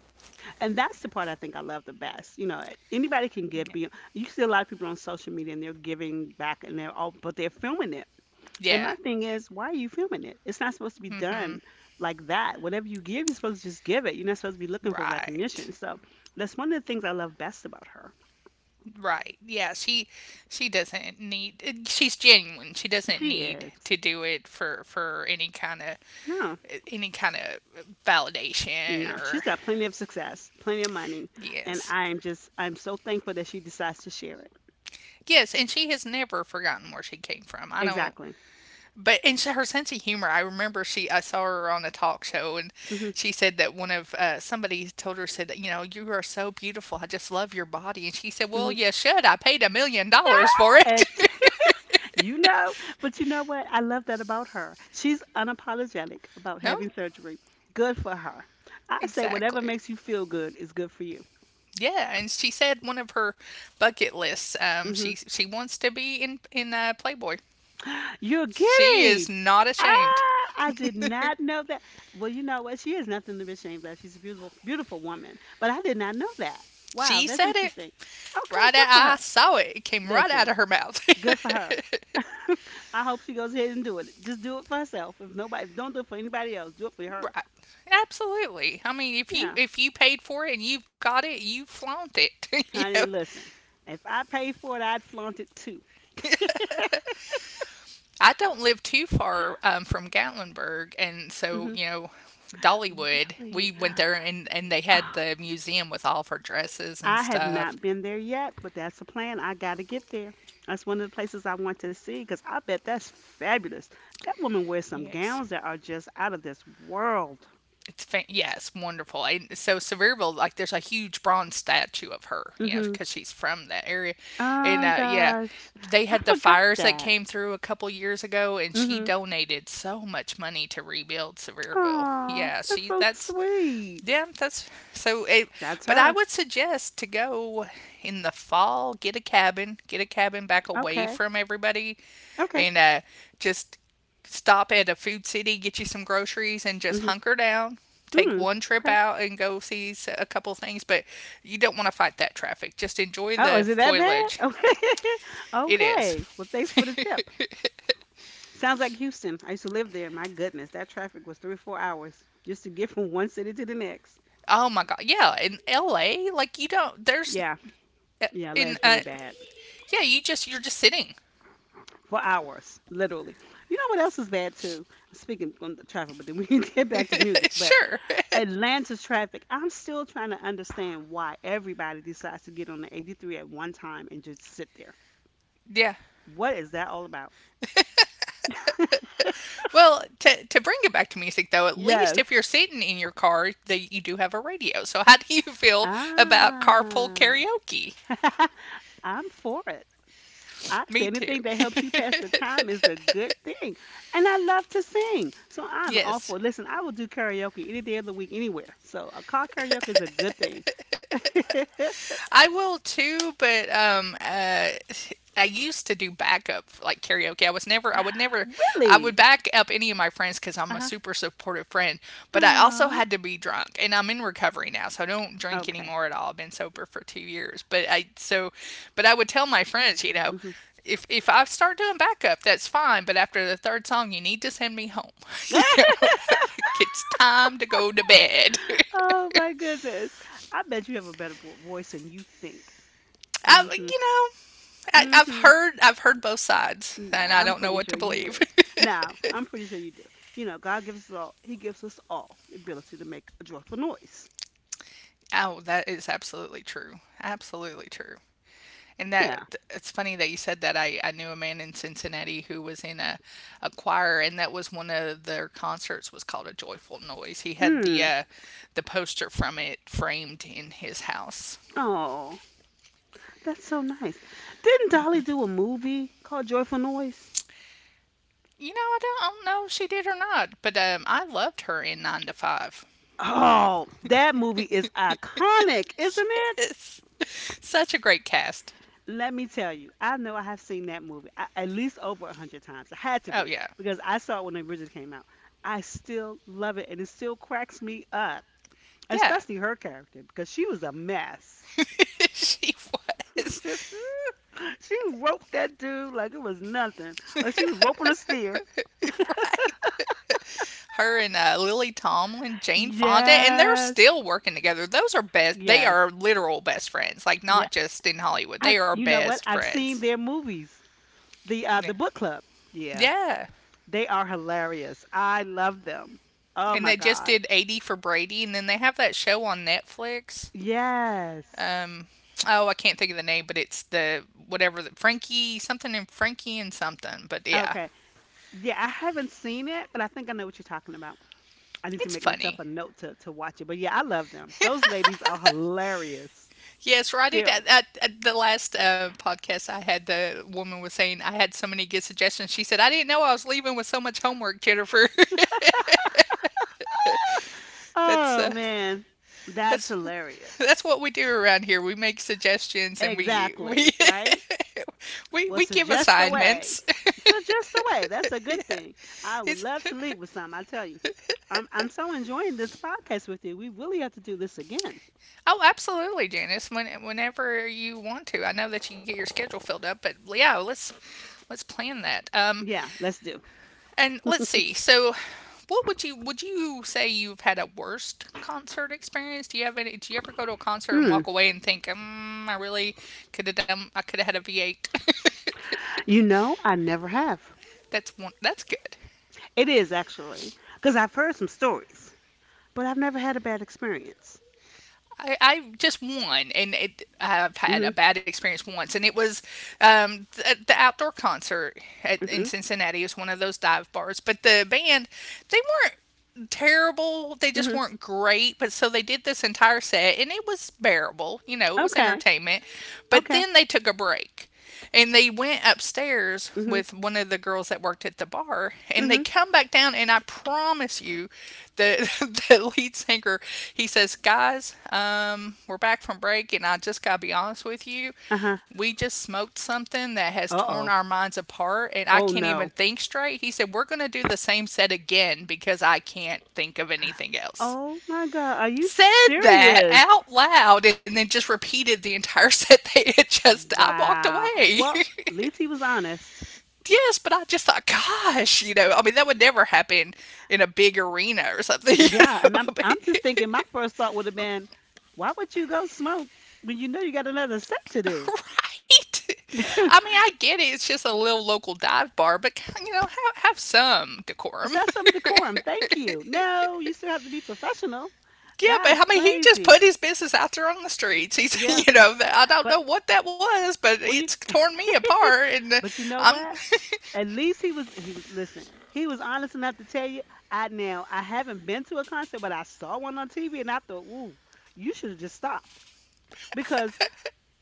Speaker 1: And that's the part I think I love the best. You know, anybody can give be you see a lot of people on social media and they're giving back and they're all but they're filming it. And
Speaker 2: Yeah.
Speaker 1: my thing is, why are you filming it? It's not supposed to be done
Speaker 2: Mhm.
Speaker 1: like that. Whatever you give, you're supposed to just give it. You're not supposed to be looking for
Speaker 2: Right.
Speaker 1: recognition. So that's one of the things I love best about her.
Speaker 2: Right. Yeah, she doesn't need, she's genuine. She doesn't
Speaker 1: She
Speaker 2: need
Speaker 1: is.
Speaker 2: to do it for any kind of,
Speaker 1: No,
Speaker 2: any kind of
Speaker 1: no,
Speaker 2: validation
Speaker 1: she's
Speaker 2: or
Speaker 1: got plenty of success, plenty of money, and
Speaker 2: yes.
Speaker 1: I'm so thankful that she decides to share it.
Speaker 2: Yes, and she has never forgotten where she came from. I don't,
Speaker 1: Exactly.
Speaker 2: but and her sense of humor. I saw her on a talk show, and
Speaker 1: Hmm.
Speaker 2: she said that one of somebody told her said, you know, you are so beautiful. I just love your body, and she said, well,
Speaker 1: Hmm.
Speaker 2: you should. I paid $1 million for it.
Speaker 1: And you know, but you know what? I love that about her. She's unapologetic about
Speaker 2: No,
Speaker 1: having surgery. Good for her. I say whatever
Speaker 2: exactly.
Speaker 1: makes you feel good is good for you.
Speaker 2: Yeah, and she said one of her bucket lists.
Speaker 1: Mhm.
Speaker 2: She wants to be in Playboy.
Speaker 1: You're
Speaker 2: She is
Speaker 1: kidding!
Speaker 2: not ashamed.
Speaker 1: Ah, I did not know that. Well, you know what? She has nothing to be ashamed of. She's a beautiful, beautiful woman. But I did not know that. Wow,
Speaker 2: She
Speaker 1: that's
Speaker 2: said it.
Speaker 1: interesting. Okay, good for
Speaker 2: I
Speaker 1: her.
Speaker 2: saw it. It came right out
Speaker 1: Listen,
Speaker 2: of her mouth.
Speaker 1: good for her. I hope she goes ahead and do it. Just do it for herself. If nobody, don't do it for anybody else. Do it for her.
Speaker 2: Right. Absolutely. I mean,
Speaker 1: Yeah,
Speaker 2: if you paid for it and you've got it, you flaunt it. You know,
Speaker 1: honey. Listen, if I paid for it, I'd flaunt it too.
Speaker 2: I don't live too far from Gatlinburg, and so
Speaker 1: Hmm.
Speaker 2: you know, Dollywood. We
Speaker 1: Really?
Speaker 2: went there, and they had the museum with all of her dresses and
Speaker 1: I have
Speaker 2: stuff.
Speaker 1: not been there yet, but that's the plan. I got to get there. That's one of the places I want to see because I bet that's fabulous. That woman wears some
Speaker 2: Yes.
Speaker 1: gowns that are just out of this world.
Speaker 2: Yeah, it's wonderful. And so Sevierville, like there's a huge bronze statue of her, you know,
Speaker 1: Mhm.
Speaker 2: because she's from that area. And
Speaker 1: Oh
Speaker 2: yeah,
Speaker 1: gosh,
Speaker 2: they
Speaker 1: I
Speaker 2: had the
Speaker 1: forgot
Speaker 2: fires that
Speaker 1: that.
Speaker 2: came through a couple years ago, and she
Speaker 1: Mhm.
Speaker 2: donated so much money to rebuild Sevierville.
Speaker 1: Aw, that's so sweet.
Speaker 2: Yeah, that's so.
Speaker 1: That's
Speaker 2: But I
Speaker 1: her.
Speaker 2: would suggest to go in the fall, get a cabin back away
Speaker 1: Okay.
Speaker 2: from everybody,
Speaker 1: Okay.
Speaker 2: and just stop at a food city, get you some groceries, and just
Speaker 1: Mhm.
Speaker 2: hunker down. Take
Speaker 1: Mm.
Speaker 2: one trip
Speaker 1: Okay.
Speaker 2: out and go see a couple things, but you don't want to fight that traffic. Just enjoy
Speaker 1: Oh,
Speaker 2: the
Speaker 1: is it that bad?
Speaker 2: foliage.
Speaker 1: Okay.
Speaker 2: It is.
Speaker 1: Okay. Well, thanks for the tip. Sounds like Houston. I used to live there. My goodness, that traffic was 3 or 4 hours just to get from one city to the next.
Speaker 2: Oh my god. Yeah, in LA, like you don't there's
Speaker 1: Yeah, yeah,
Speaker 2: in
Speaker 1: that's really bad
Speaker 2: yeah, you just you're just sitting.
Speaker 1: for hours, literally. You know what else is bad too? Speaking on the traffic, but then we can get back to music. But
Speaker 2: Sure.
Speaker 1: Atlanta's traffic, I'm still trying to understand why everybody decides to get on the 83 at one time and just sit there.
Speaker 2: Yeah.
Speaker 1: What is that all about?
Speaker 2: Well, to bring it back to music, though, at least
Speaker 1: Yes.
Speaker 2: if you're sitting in your car, that you do have a radio. So, how do you feel about carpool
Speaker 1: Ah,
Speaker 2: karaoke?
Speaker 1: I'm for it. I say
Speaker 2: Me too.
Speaker 1: anything that helps you pass the time is a good thing. And I love to sing. So I'm all
Speaker 2: Yes.
Speaker 1: for listen, I will do karaoke any day of the week anywhere. So a car karaoke is a good thing.
Speaker 2: I will too, but I used to do backup like karaoke. I would never, I would
Speaker 1: really?
Speaker 2: back up any of my friends because I'm a
Speaker 1: Uh-huh.
Speaker 2: super supportive friend. But I also
Speaker 1: Aw.
Speaker 2: had to be drunk, and I'm in recovery now, so I don't drink
Speaker 1: Okay.
Speaker 2: anymore at all. I've been sober for 2 years. But I would tell my friends, you know,
Speaker 1: Hmm.
Speaker 2: if I start doing backup, that's fine. But after the third song, you need to send me home. You know, it's time to go to bed.
Speaker 1: oh my goodness. I bet you have a voice than you think.
Speaker 2: I,
Speaker 1: Mhm.
Speaker 2: you know,
Speaker 1: Mhm.
Speaker 2: I've heard both sides,
Speaker 1: Yeah,
Speaker 2: and I
Speaker 1: I'm
Speaker 2: don't know
Speaker 1: pretty
Speaker 2: what to
Speaker 1: sure you
Speaker 2: believe.
Speaker 1: do. Now, I'm pretty sure you do. You know, God gives us all. He gives us all the ability to make a joyful noise.
Speaker 2: Oh, that is absolutely true. Absolutely true. And that
Speaker 1: Yeah.
Speaker 2: it's funny that you said that. I knew a man in Cincinnati who was in a choir, and that was one of their concerts was called a joyful noise. He had
Speaker 1: Mm.
Speaker 2: the poster from it framed in his house.
Speaker 1: Oh, that's so nice. Didn't Dolly do a movie called Joyful Noise?
Speaker 2: You know, I don't know if she did or not, but I loved her in Nine to Five.
Speaker 1: Oh, that movie is iconic, isn't it?
Speaker 2: Yes, such a great cast.
Speaker 1: Let me tell you, I know I have seen at least over 100 times. It had to
Speaker 2: Oh
Speaker 1: be
Speaker 2: yeah,
Speaker 1: because I saw it when it originally came out. I still love it, and it still cracks me up,
Speaker 2: yeah.
Speaker 1: especially her character because she was a mess.
Speaker 2: She was.
Speaker 1: She roped that dude like it was nothing, like she was roping a steer.
Speaker 2: Right. Her and Lily Tomlin, Jane Fonda, and they're
Speaker 1: Yes,
Speaker 2: still working together. Those are best. They
Speaker 1: yes.
Speaker 2: are literal best friends. Like,
Speaker 1: Yeah,
Speaker 2: not just in Hollywood. They are
Speaker 1: you know what?
Speaker 2: best
Speaker 1: I've seen
Speaker 2: friends.
Speaker 1: their movies. The
Speaker 2: Yeah.
Speaker 1: book club. Yeah.
Speaker 2: Yeah.
Speaker 1: They are hilarious. I love them. Oh
Speaker 2: And
Speaker 1: my
Speaker 2: they just did
Speaker 1: gosh.
Speaker 2: 80 for Brady, and then they have that show on Netflix.
Speaker 1: Yes.
Speaker 2: Um, oh, I can't think of the name, but it's the whatever, the Frankie something and Frankie and something. But yeah,
Speaker 1: Okay. Yeah, I haven't seen it, but I think I know what you're talking about. I need to
Speaker 2: it's
Speaker 1: make myself
Speaker 2: funny.
Speaker 1: a note to watch it. But yeah, I love them. Those ladies are hilarious.
Speaker 2: Yes, right.
Speaker 1: Still.
Speaker 2: At the last podcast I had, the woman was saying I had so many good suggestions. She said I didn't know I was leaving with so much homework, Jennifer. that's
Speaker 1: Oh
Speaker 2: uh,
Speaker 1: man. That's
Speaker 2: that's that's
Speaker 1: hilarious.
Speaker 2: what we do around here. We make suggestions and we
Speaker 1: Exactly, right?
Speaker 2: we
Speaker 1: Well,
Speaker 2: give
Speaker 1: suggest a
Speaker 2: assignments.
Speaker 1: way. Suggest a way. That's a
Speaker 2: Yeah,
Speaker 1: good thing. I would
Speaker 2: it's,
Speaker 1: love to leave with some. I tell you, I'm so enjoying this podcast with you. We really have to do this again.
Speaker 2: oh, absolutely, Janice. Whenever you want to, I know that you get your schedule filled up, but yeah, let's plan that.
Speaker 1: Yeah, let's do.
Speaker 2: And let's see. So, what would you say you've had a worst concert experience? Do you have any? Do you ever go to a concert and
Speaker 1: Mm.
Speaker 2: walk away and think, mm, I really could have done. I could have had a V eight.
Speaker 1: You know, I never have.
Speaker 2: That's one. That's good.
Speaker 1: It is actually because I've heard some stories, but I've never had a bad experience.
Speaker 2: I just won, and it, I've had
Speaker 1: Mhm.
Speaker 2: a bad experience once, and it was the outdoor concert in
Speaker 1: Mhm.
Speaker 2: Cincinnati. It was one of those dive bars, but the band, they weren't terrible. They just
Speaker 1: Mhm.
Speaker 2: weren't great, but so they did this entire set, and it was bearable. You know, it was
Speaker 1: Okay.
Speaker 2: entertainment, but
Speaker 1: Okay.
Speaker 2: then they took a break. And they went upstairs
Speaker 1: Mhm.
Speaker 2: with one of the girls that worked at the bar, and they
Speaker 1: Mhm.
Speaker 2: come back down, and I promise you, the the lead singer, he says, "Guys, we're back from break, and I just gotta be honest with you,
Speaker 1: Uh huh.
Speaker 2: we just smoked something that has
Speaker 1: Uh
Speaker 2: torn
Speaker 1: oh.
Speaker 2: our minds apart, and I
Speaker 1: Oh
Speaker 2: can't even
Speaker 1: no.
Speaker 2: think straight." He said, "We're gonna do the same set again because I can't think of anything else."
Speaker 1: Oh my God. Are you
Speaker 2: Said that
Speaker 1: serious?
Speaker 2: out loud and then just repeated the entire set they had just, I walked
Speaker 1: Wow.
Speaker 2: away.
Speaker 1: Well, at least he was honest.
Speaker 2: Yes, but I just thought, gosh, you know, I mean, that would never happen in a big arena or something, you
Speaker 1: Yeah,
Speaker 2: know.
Speaker 1: and I'm
Speaker 2: I
Speaker 1: I'm just thinking
Speaker 2: mean,
Speaker 1: my first thought would have been, why would you go smoke when you know you got another set to do?
Speaker 2: right?
Speaker 1: Let's
Speaker 2: I mean, I get it. It's just a little local dive bar, but, you know, have some decorum.
Speaker 1: have some decorum. Thank you. No, you still have to be professional.
Speaker 2: Yeah, but I
Speaker 1: That's
Speaker 2: mean, he just
Speaker 1: crazy.
Speaker 2: put his business out there on the streets.
Speaker 1: Yeah.
Speaker 2: I don't
Speaker 1: But
Speaker 2: know what that was, but
Speaker 1: well you
Speaker 2: it's torn me apart.
Speaker 1: but you know
Speaker 2: I'm,
Speaker 1: what? At least he was listen, he was honest enough to tell you, I now I haven't been to a concert, but I saw one on TV and I thought, ooh, you should have just stopped. Because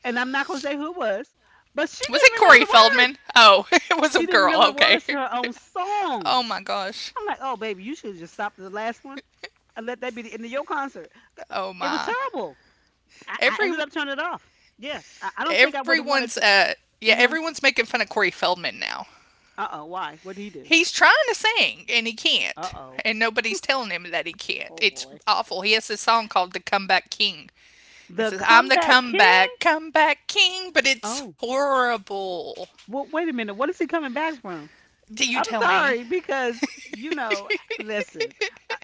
Speaker 1: and I'm not gonna say who it was, but
Speaker 2: was it Corey
Speaker 1: words.
Speaker 2: Feldman? Oh, it was a
Speaker 1: She didn't
Speaker 2: girl.
Speaker 1: remember the
Speaker 2: Okay.
Speaker 1: words to her own
Speaker 2: Oh
Speaker 1: songs.
Speaker 2: my gosh.
Speaker 1: I'm like, oh baby, you should just stop the last one and let that be the end of your concert.
Speaker 2: Oh
Speaker 1: It was
Speaker 2: my.
Speaker 1: terrible. I
Speaker 2: Every
Speaker 1: ended up turning it off. Yeah, I don't think I would have
Speaker 2: everyone's
Speaker 1: wanted to.
Speaker 2: yeah,
Speaker 1: Mm-hmm.
Speaker 2: everyone's making fun of Corey Feldman now.
Speaker 1: Uh oh, why? What did he do?
Speaker 2: He's trying to sing and he
Speaker 1: Uh
Speaker 2: can't.
Speaker 1: oh.
Speaker 2: And nobody's telling him that he can't.
Speaker 1: Oh
Speaker 2: It's
Speaker 1: boy.
Speaker 2: awful. He has this song called The Comeback King. It
Speaker 1: The
Speaker 2: says, I'm the
Speaker 1: comeback king?
Speaker 2: comeback, comeback king, but it's
Speaker 1: Oh.
Speaker 2: horrible.
Speaker 1: Well, wait a minute. What is he coming back from?
Speaker 2: Do you
Speaker 1: I'm
Speaker 2: tell
Speaker 1: sorry
Speaker 2: me?
Speaker 1: because, you know, listen, I,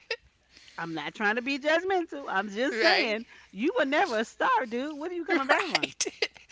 Speaker 1: I'm not trying to be judgmental. I'm just saying
Speaker 2: Right?
Speaker 1: you were never a star, dude. What are you coming back from?
Speaker 2: Right.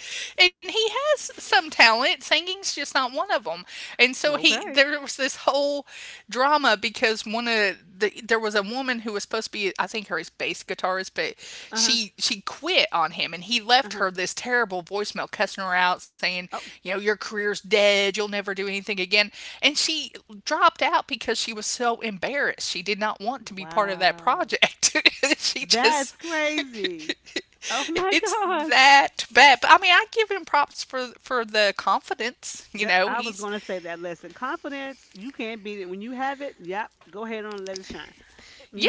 Speaker 2: And he has some talent. Singing's just not one of them. And so he
Speaker 1: Okay.
Speaker 2: there was this whole drama because one of the there was a woman who was supposed to be, I think, her his bass guitarist, but
Speaker 1: Uh huh.
Speaker 2: she quit on him and he
Speaker 1: Uh
Speaker 2: left
Speaker 1: huh.
Speaker 2: her this terrible voicemail cussing her out saying,
Speaker 1: Oh,
Speaker 2: your career's dead, you'll never do anything again. And she dropped out because she was so embarrassed. She did not want to be part of that
Speaker 1: wow.
Speaker 2: project. she
Speaker 1: That's
Speaker 2: just
Speaker 1: crazy. Oh my
Speaker 2: It's
Speaker 1: gosh.
Speaker 2: that bad. But I mean, I give him props for the confidence. You
Speaker 1: That
Speaker 2: know,
Speaker 1: I was
Speaker 2: he's
Speaker 1: going to say that lesson. Confidence, you can't beat it. When you have it, yep, go ahead on and let it shine.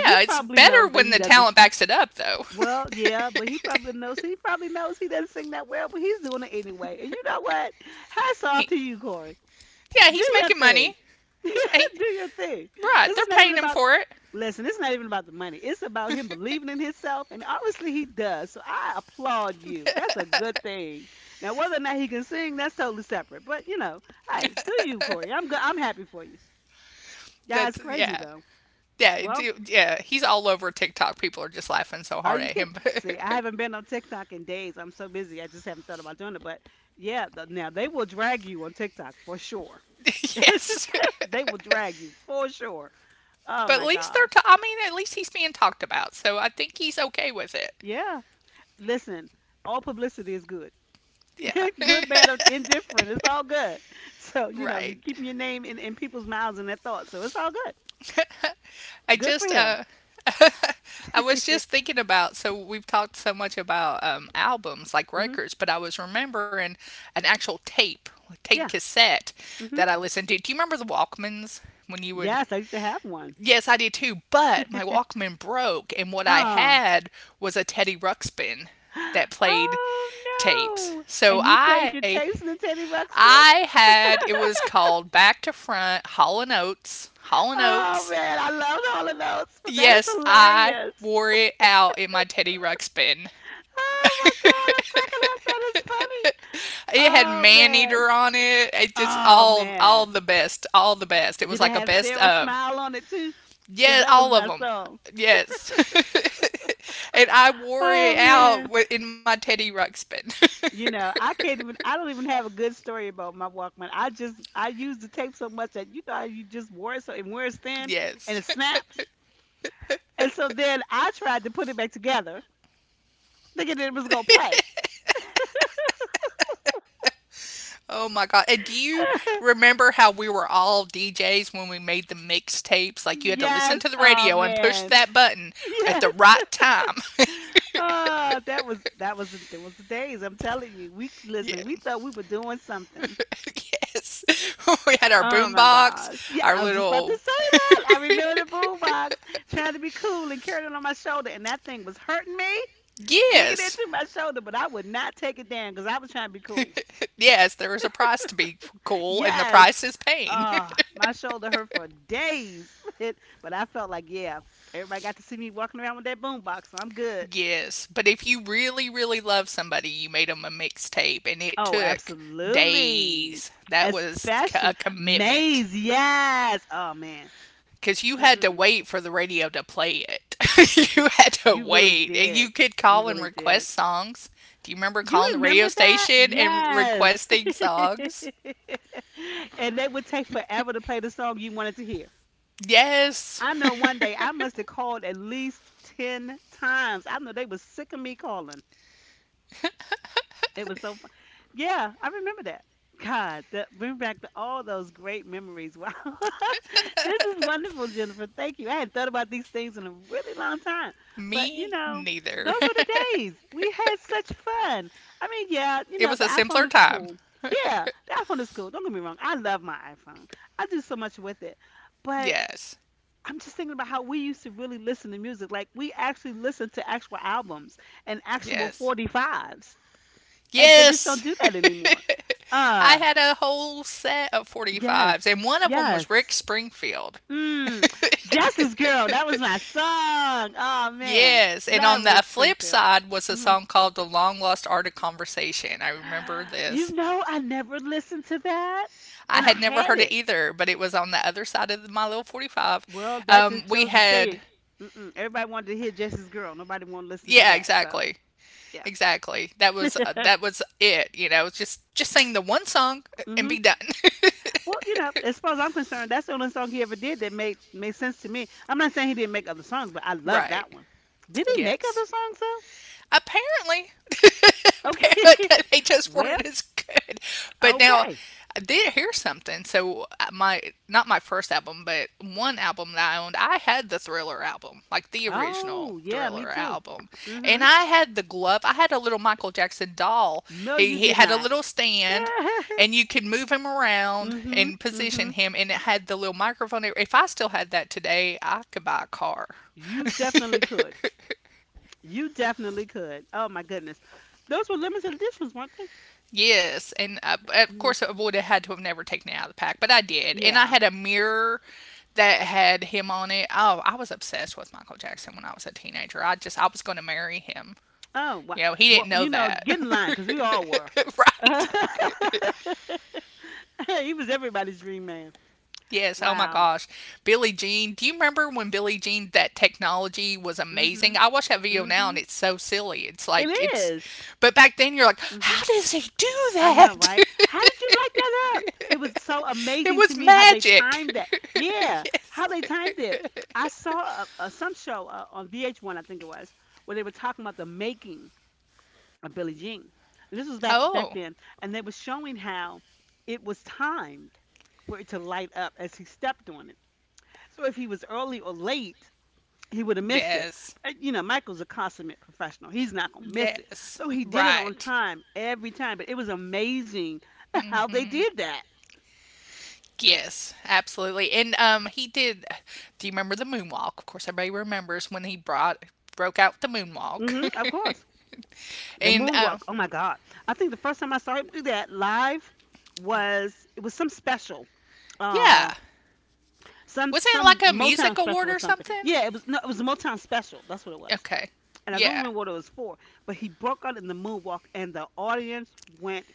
Speaker 1: He
Speaker 2: It's
Speaker 1: probably
Speaker 2: better
Speaker 1: knows that
Speaker 2: when
Speaker 1: he
Speaker 2: the
Speaker 1: doesn't.
Speaker 2: talent backs it up, though.
Speaker 1: Well, yeah, but he probably knows. He probably knows he doesn't sing that well, but he's doing it anyway. And you know what? Hats off
Speaker 2: he,
Speaker 1: to you, Corey.
Speaker 2: yeah,
Speaker 1: Do
Speaker 2: he's
Speaker 1: your
Speaker 2: making money.
Speaker 1: thing.
Speaker 2: He's he,
Speaker 1: Do your thing.
Speaker 2: right.
Speaker 1: Because it's
Speaker 2: They're
Speaker 1: not even
Speaker 2: paying him
Speaker 1: about
Speaker 2: for it.
Speaker 1: listen, it's not even about the money. It's about him believing in himself, and obviously he does. So I applaud you. That's a good thing. Now, whether or not he can sing, that's totally separate. But you know, hey, do you, Corey? I'm good. I'm happy for you. Yeah, it's
Speaker 2: That's
Speaker 1: crazy
Speaker 2: yeah,
Speaker 1: though.
Speaker 2: yeah,
Speaker 1: Well,
Speaker 2: yeah. He's all over TikTok. People are just laughing so
Speaker 1: are
Speaker 2: hard
Speaker 1: you
Speaker 2: at
Speaker 1: kidding?
Speaker 2: him.
Speaker 1: See, I haven't been on TikTok in days. I'm so busy. I just haven't thought about doing it. But yeah, now they will drag you on TikTok for sure. It's
Speaker 2: yes,
Speaker 1: just— they will drag you for sure. Oh
Speaker 2: but at
Speaker 1: my
Speaker 2: least they're.
Speaker 1: gosh.
Speaker 2: I mean, at least he's being talked about. So I think he's okay with it.
Speaker 1: Yeah. Listen, all publicity is good.
Speaker 2: Yeah,
Speaker 1: Good, bad, or indifferent. It's all good. So, you know, you're
Speaker 2: right.
Speaker 1: keeping your name in people's mouths and their thoughts. So it's all good.
Speaker 2: I
Speaker 1: Good for
Speaker 2: just
Speaker 1: him.
Speaker 2: I was just thinking about, so we've talked so much about albums like
Speaker 1: Hmm.
Speaker 2: records, but I was remembering an actual tape
Speaker 1: Yeah.
Speaker 2: cassette that
Speaker 1: Hmm.
Speaker 2: I listened to. Do you remember the Walkmans? When you would
Speaker 1: Yes, I used to have one.
Speaker 2: Yes, I did too, but my Walkman broke and what I
Speaker 1: Oh.
Speaker 2: had was a Teddy Ruxpin that played
Speaker 1: Oh no.
Speaker 2: tapes.
Speaker 1: And
Speaker 2: So
Speaker 1: you played your tapes in the Teddy Ruxpin?
Speaker 2: I had it was called Back to Front, Hall and Oates, Hall and
Speaker 1: Oh
Speaker 2: Oates.
Speaker 1: man, I loved all of those. But that is
Speaker 2: Yes, I
Speaker 1: hilarious.
Speaker 2: wore it out in my Teddy Ruxpin.
Speaker 1: Oh my god, I'm cracking up. That is funny.
Speaker 2: It had
Speaker 1: Oh
Speaker 2: Man
Speaker 1: man.
Speaker 2: Eater on it. It just
Speaker 1: Oh
Speaker 2: all
Speaker 1: man.
Speaker 2: the best, all the best. It was
Speaker 1: Did it
Speaker 2: like a
Speaker 1: have
Speaker 2: best
Speaker 1: Sarah
Speaker 2: of.
Speaker 1: Smile on it too? Because
Speaker 2: Yeah,
Speaker 1: that was
Speaker 2: all of
Speaker 1: my
Speaker 2: them.
Speaker 1: song.
Speaker 2: Yes. And I wore
Speaker 1: Oh
Speaker 2: it out
Speaker 1: man.
Speaker 2: in my Teddy Ruxpin.
Speaker 1: You know, I don't even have a good story about my Walkman. I used the tape so much that you know how you just wore it so and wears thin
Speaker 2: yes.
Speaker 1: and it snaps. And so then I tried to put it back together thinking it was gonna play.
Speaker 2: Oh my God. And do you remember how we were all DJs when we made the mixtapes? Like, you had to listen
Speaker 1: Yes,
Speaker 2: to the
Speaker 1: oh
Speaker 2: radio and push
Speaker 1: man.
Speaker 2: that button at
Speaker 1: Yes.
Speaker 2: the right time.
Speaker 1: Oh, that was the days, I'm telling you. We
Speaker 2: yeah.
Speaker 1: listen, we thought we were doing something.
Speaker 2: yes. we had our
Speaker 1: Oh my
Speaker 2: boombox,
Speaker 1: gosh. Yeah,
Speaker 2: our
Speaker 1: I was just about to
Speaker 2: little.
Speaker 1: say that. I remember the boombox trying to be cool and carried it on my shoulder, and that thing was hurting me, digging
Speaker 2: yes.
Speaker 1: into my shoulder, but I would not take it down because I was trying to be cool.
Speaker 2: Yes, there is a price to be cool, and the
Speaker 1: Yes.
Speaker 2: price is pain.
Speaker 1: My shoulder hurt for days, but but I felt like, yeah, everybody got to see me walking around with that boombox, so I'm good.
Speaker 2: yes. But if you really, really love somebody, you made them a mixtape, and it
Speaker 1: Oh,
Speaker 2: took
Speaker 1: absolutely.
Speaker 2: days. That was
Speaker 1: Especially
Speaker 2: a commitment,
Speaker 1: Maze, yes. Oh man.
Speaker 2: because you had to
Speaker 1: Mm-mm-mm.
Speaker 2: wait for the radio to play it. You had to
Speaker 1: You really
Speaker 2: wait, and you
Speaker 1: did.
Speaker 2: could
Speaker 1: You
Speaker 2: call and
Speaker 1: really did.
Speaker 2: request songs. Do you remember
Speaker 1: You
Speaker 2: calling the radio
Speaker 1: remember that?
Speaker 2: station and
Speaker 1: Yes.
Speaker 2: requesting songs?
Speaker 1: And they would take forever to play the song you wanted to hear.
Speaker 2: Yes.
Speaker 1: I know one day I must have called at least 10 times. I know they was sick of me calling. It was so fun. Yeah, I remember that. God, that bring back the, all those great memories. Wow. This is wonderful, Jennifer. Thank you. I hadn't thought about these things in a really long time. But, you
Speaker 2: Me
Speaker 1: know,
Speaker 2: neither.
Speaker 1: those were the days. We had such fun. I mean, yeah, you
Speaker 2: It
Speaker 1: know,
Speaker 2: was
Speaker 1: the
Speaker 2: a
Speaker 1: iPhone
Speaker 2: simpler
Speaker 1: is
Speaker 2: time.
Speaker 1: cool. Yeah, the iPhone is cool. Don't get me wrong. I love my iPhone. I do so much with it. But
Speaker 2: Yes,
Speaker 1: I'm just thinking about how we used to really listen to music. Like, we actually listened to actual albums and actual
Speaker 2: yes,
Speaker 1: 45s and they just
Speaker 2: yes.
Speaker 1: don't do that anymore.
Speaker 2: I
Speaker 1: Uh
Speaker 2: had a whole set of
Speaker 1: yes,
Speaker 2: 45s, and one of them was Rick
Speaker 1: yes.
Speaker 2: Springfield.
Speaker 1: Mm, Justice Girl, that was my song. Oh man,
Speaker 2: Yes, and
Speaker 1: love
Speaker 2: on the
Speaker 1: Rick
Speaker 2: flip
Speaker 1: Springfield.
Speaker 2: side was a
Speaker 1: Hmm.
Speaker 2: song called The Long Lost Art of Conversation. I remember
Speaker 1: You
Speaker 2: this.
Speaker 1: know, I never listened to that,
Speaker 2: I
Speaker 1: and I
Speaker 2: had never
Speaker 1: had
Speaker 2: heard it
Speaker 1: it.
Speaker 2: either, but it was on the other side of my little 45.
Speaker 1: Well, that
Speaker 2: Um,
Speaker 1: just
Speaker 2: we
Speaker 1: shows the
Speaker 2: had,
Speaker 1: shade. Mm-mm. Everybody wanted to hear Justice Girl. Nobody wanted to listen to
Speaker 2: yeah,
Speaker 1: that. So
Speaker 2: exactly.
Speaker 1: yeah.
Speaker 2: Exactly. That was uh, that was it. Just sing the one song, and
Speaker 1: Hmm.
Speaker 2: be done.
Speaker 1: Well, you know, as far as I'm concerned, that's the only song he ever did that made sense to me. I'm not saying he didn't make other songs, but I love
Speaker 2: Right.
Speaker 1: that one. Did he make
Speaker 2: Yes.
Speaker 1: other songs
Speaker 2: Apparently,
Speaker 1: though? Okay.
Speaker 2: apparently they just
Speaker 1: Well,
Speaker 2: weren't as good. But now
Speaker 1: okay.
Speaker 2: I did hear something. So my not my first album, but one album that I owned, I had the Thriller album, like the original
Speaker 1: Oh, yeah, me
Speaker 2: Thriller
Speaker 1: too.
Speaker 2: album, and
Speaker 1: Mhm.
Speaker 2: I had the glove. I had a little Michael Jackson doll.
Speaker 1: No,
Speaker 2: He,
Speaker 1: you
Speaker 2: he
Speaker 1: did
Speaker 2: had a
Speaker 1: not.
Speaker 2: little stand, and you could move him around
Speaker 1: Mhm.
Speaker 2: and position
Speaker 1: Mhm.
Speaker 2: him, and it had the little microphone. If I still had that today, I could buy a car.
Speaker 1: You definitely could. You definitely could. Oh my goodness. Those were limited editions, weren't they?
Speaker 2: Yes, of
Speaker 1: Hmm.
Speaker 2: course I would have had to have never taken it out of the pack, but I did, and I
Speaker 1: Yeah.
Speaker 2: had a mirror that had him on it. Oh, I was obsessed with Michael Jackson when I was a teenager. I was going to marry him.
Speaker 1: Oh, wow.
Speaker 2: You know, he
Speaker 1: Well,
Speaker 2: didn't know
Speaker 1: you know,
Speaker 2: that,
Speaker 1: get in line because we all were.
Speaker 2: right?
Speaker 1: He was everybody's dream man.
Speaker 2: Yes. Oh my
Speaker 1: Wow.
Speaker 2: gosh, Billie Jean. Do you remember when Billie Jean, that technology was amazing?
Speaker 1: Mhm.
Speaker 2: I watch that video now and
Speaker 1: Mhm.
Speaker 2: it's so silly. It's
Speaker 1: It
Speaker 2: like
Speaker 1: is.
Speaker 2: but back then you're like,
Speaker 1: Mhm.
Speaker 2: how does he do
Speaker 1: I know,
Speaker 2: that?
Speaker 1: right? How did you like that up? It was so
Speaker 2: It
Speaker 1: amazing to
Speaker 2: was
Speaker 1: me how they
Speaker 2: magic.
Speaker 1: timed that. Yeah,
Speaker 2: yes.
Speaker 1: how they timed it. I saw a, some show on VH1, I think it was, where they were talking about the making of Billie Jean. And this was back
Speaker 2: Oh,
Speaker 1: back then, and they were showing how it was timed for it to light up as he stepped on it. So if he was early or late, he would have missed it.
Speaker 2: yes.
Speaker 1: You know, Michael's a consummate professional. He's not gonna miss it.
Speaker 2: Yes.
Speaker 1: So he did it on
Speaker 2: Right.
Speaker 1: time every time. But it was amazing how they did that.
Speaker 2: Yes, absolutely. And he did do you remember the moonwalk? Of course everybody remembers when he brought broke out the moonwalk.
Speaker 1: Hmm, of course, the
Speaker 2: and
Speaker 1: moonwalk. Oh my God! I think the first time I saw him do that live
Speaker 2: yeah.
Speaker 1: was it was some special. Uh,
Speaker 2: Yeah. Wasn't it
Speaker 1: some
Speaker 2: like a
Speaker 1: Motown
Speaker 2: music award
Speaker 1: special or
Speaker 2: or
Speaker 1: something.
Speaker 2: something?
Speaker 1: Yeah, it was no, it was a Motown special. That's what it was.
Speaker 2: Okay.
Speaker 1: And I don't
Speaker 2: Yeah.
Speaker 1: remember what it was for, but he broke out in the moonwalk and the audience went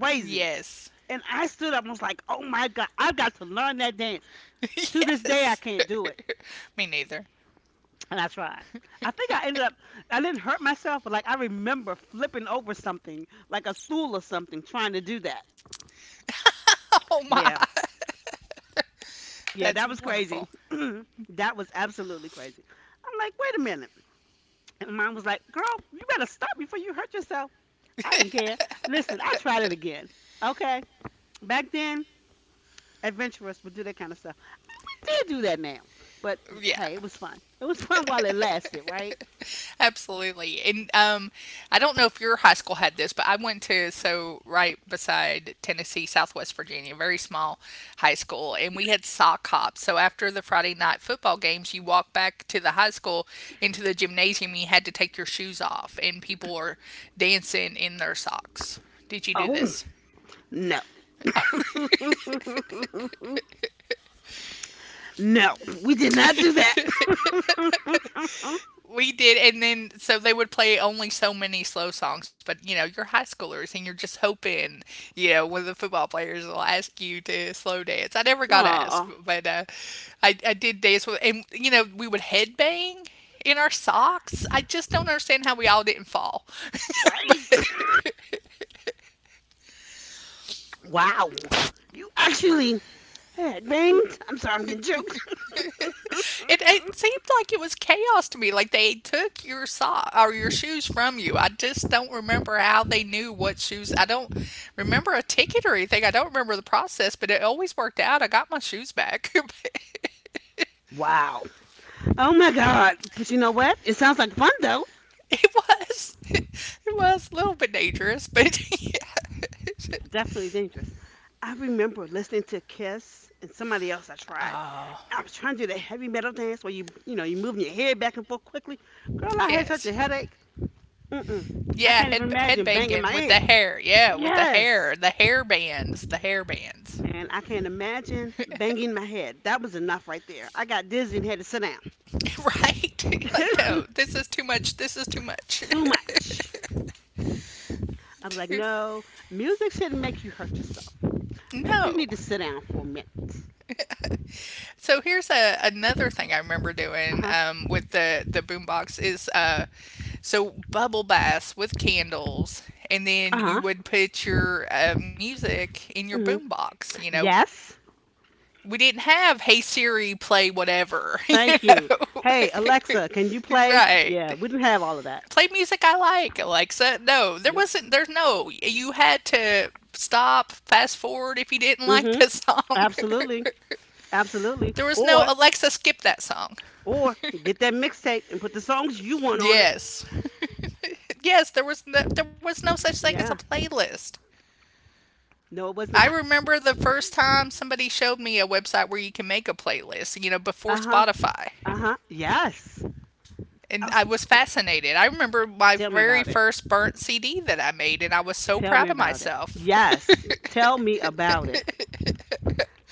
Speaker 1: crazy.
Speaker 2: Yes.
Speaker 1: And I stood up and was like, oh my God, I've got to learn that dance. To this day, I
Speaker 2: yes.
Speaker 1: can't do it.
Speaker 2: Me neither.
Speaker 1: And I tried. I think I ended up, I didn't hurt myself, but like I remember flipping over something, like a stool or something, trying to do that.
Speaker 2: Oh my.
Speaker 1: Yeah. Yeah,
Speaker 2: That's
Speaker 1: that was crazy.
Speaker 2: wonderful.
Speaker 1: That was absolutely crazy. I'm like, wait a minute. And mom was like, girl, you better stop before you hurt yourself. I didn't care. Listen, I tried it again. Okay. Back then, adventurous would do that kind of stuff. Did do that now. But
Speaker 2: Yeah.
Speaker 1: hey, it was fun. It was fun while it lasted, right?
Speaker 2: Absolutely. And I don't know if your high school had this, but so right beside Tennessee, Southwest Virginia, very small high school, and we had sock hops. So after the Friday night football games, you walk back to the high school, into the gymnasium. You had to take your shoes off, and people are dancing in their socks. Did you do
Speaker 1: Oh,
Speaker 2: this?
Speaker 1: no.
Speaker 2: Oh.
Speaker 1: No, we did not do that.
Speaker 2: We did, and then so they would play only so many slow songs. But you're high schoolers, and you're just hoping, one of the football players will ask you to slow dance. I never got asked,
Speaker 1: Aw,
Speaker 2: but I did dance with, and we would headbang in our socks. I just don't understand how we all didn't fall, but
Speaker 1: wait. Wow. You actually. Heck, banged. I'm sorry, I'm getting choked.
Speaker 2: it seemed like it was chaos to me. Like, they took your sock or your shoes from you. I just don't remember how they knew what shoes. I don't remember a ticket or anything. I don't remember the process, but it always worked out. I got my shoes back.
Speaker 1: Wow. Oh my god. But you know what? It sounds like fun though.
Speaker 2: It was, it was a little bit dangerous, but yeah.
Speaker 1: Definitely dangerous. I remember listening to Kiss and somebody else I tried.
Speaker 2: Oh,
Speaker 1: I was trying to do the heavy metal dance where you know you moving your head back and forth quickly. Girl, I had such
Speaker 2: yes.
Speaker 1: a headache. Mm-mm. I
Speaker 2: Yeah,
Speaker 1: can't even
Speaker 2: head
Speaker 1: imagine banging
Speaker 2: banging
Speaker 1: my
Speaker 2: with the
Speaker 1: head.
Speaker 2: hair. Yeah, with
Speaker 1: Yes,
Speaker 2: the hair bands, the hair bands.
Speaker 1: man, I can't imagine banging my head. That was enough right there. I got dizzy and had to sit
Speaker 2: Right? Like,
Speaker 1: down.
Speaker 2: no, this is too much. This is too much.
Speaker 1: Too much. I was like,
Speaker 2: Too-
Speaker 1: no, music shouldn't make you hurt yourself. Maybe you
Speaker 2: No.
Speaker 1: need to sit down for a minute.
Speaker 2: So here's another thing I remember
Speaker 1: Uh
Speaker 2: doing,
Speaker 1: huh.
Speaker 2: with the boombox is, so bubble baths with candles, and
Speaker 1: Uh
Speaker 2: then you
Speaker 1: huh.
Speaker 2: would put your music in your
Speaker 1: Hmm.
Speaker 2: boombox.
Speaker 1: Yes.
Speaker 2: We didn't have Hey Siri, play whatever. You
Speaker 1: Thank you.
Speaker 2: know,
Speaker 1: Hey, Alexa, can you play?
Speaker 2: right,
Speaker 1: Yeah, we didn't have all of that.
Speaker 2: play music I like. Like, so, no, there
Speaker 1: Nope.
Speaker 2: wasn't. There's no. You had to stop, fast forward if you didn't like
Speaker 1: Mm-hmm.
Speaker 2: that song.
Speaker 1: Absolutely. Absolutely.
Speaker 2: There was no
Speaker 1: Or
Speaker 2: Alexa skip that song.
Speaker 1: or get that mixtape and put the songs you want on it.
Speaker 2: Yes, yes, there was no such thing as a
Speaker 1: Yeah.
Speaker 2: playlist.
Speaker 1: No, it was
Speaker 2: I
Speaker 1: not.
Speaker 2: remember the first time somebody showed me a website where you can make a playlist. Before
Speaker 1: Uh-huh.
Speaker 2: Spotify.
Speaker 1: Uh-huh. Yes.
Speaker 2: And
Speaker 1: Oh,
Speaker 2: I was fascinated. I remember my
Speaker 1: tell me
Speaker 2: very
Speaker 1: about it.
Speaker 2: first burnt CD that I made, and I was so
Speaker 1: Tell me
Speaker 2: proud of
Speaker 1: about it.
Speaker 2: myself.
Speaker 1: Yes. Tell me about it.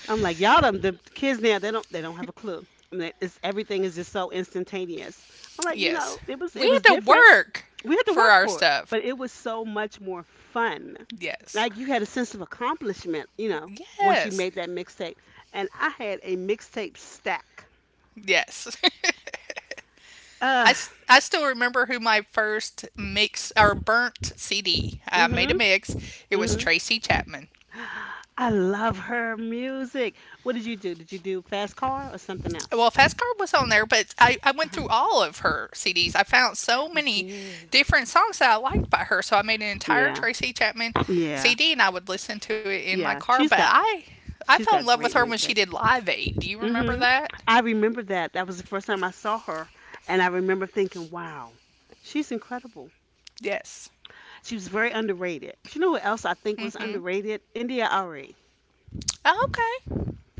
Speaker 1: I'm like, y'all them the kids now, they don't have a clue. I mean, it's everything is just so instantaneous. I'm like, you
Speaker 2: Yes.
Speaker 1: know, it was
Speaker 2: We
Speaker 1: it was
Speaker 2: had to
Speaker 1: different.
Speaker 2: work
Speaker 1: We had to
Speaker 2: for
Speaker 1: work
Speaker 2: our
Speaker 1: for it,
Speaker 2: stuff.
Speaker 1: but it was so much more fun.
Speaker 2: Yes.
Speaker 1: Like you had a sense of accomplishment, you know, once you
Speaker 2: Yes.
Speaker 1: made that mixtape. And I had a mixtape stack.
Speaker 2: Yes.
Speaker 1: Uh,
Speaker 2: I still remember who my first mix or burnt CD. I made a
Speaker 1: mhm,
Speaker 2: mix. It was
Speaker 1: mhm.
Speaker 2: Tracy Chapman.
Speaker 1: I love her music. What did you do? Did you do Fast Car or something
Speaker 2: Well,
Speaker 1: else?
Speaker 2: Fast Car was on there, but I went through
Speaker 1: Uh-huh.
Speaker 2: all of her CDs. I found so
Speaker 1: You
Speaker 2: many
Speaker 1: did.
Speaker 2: different songs that I liked by her. So I made an entire
Speaker 1: Yeah,
Speaker 2: Tracy Chapman
Speaker 1: yeah,
Speaker 2: CD, and I would listen to it in my
Speaker 1: yeah.
Speaker 2: car. But
Speaker 1: She's got
Speaker 2: I I
Speaker 1: she's
Speaker 2: fell in
Speaker 1: got
Speaker 2: love with her
Speaker 1: great
Speaker 2: when she
Speaker 1: music.
Speaker 2: did Live Aid. Do you remember
Speaker 1: Mhm.
Speaker 2: that?
Speaker 1: I remember that. That was the first time I saw her, and I remember thinking, "Wow, she's incredible."
Speaker 2: Yes.
Speaker 1: She was very underrated. But you know who else I think was
Speaker 2: Mm-hmm.
Speaker 1: underrated? India Ari.
Speaker 2: Oh, okay.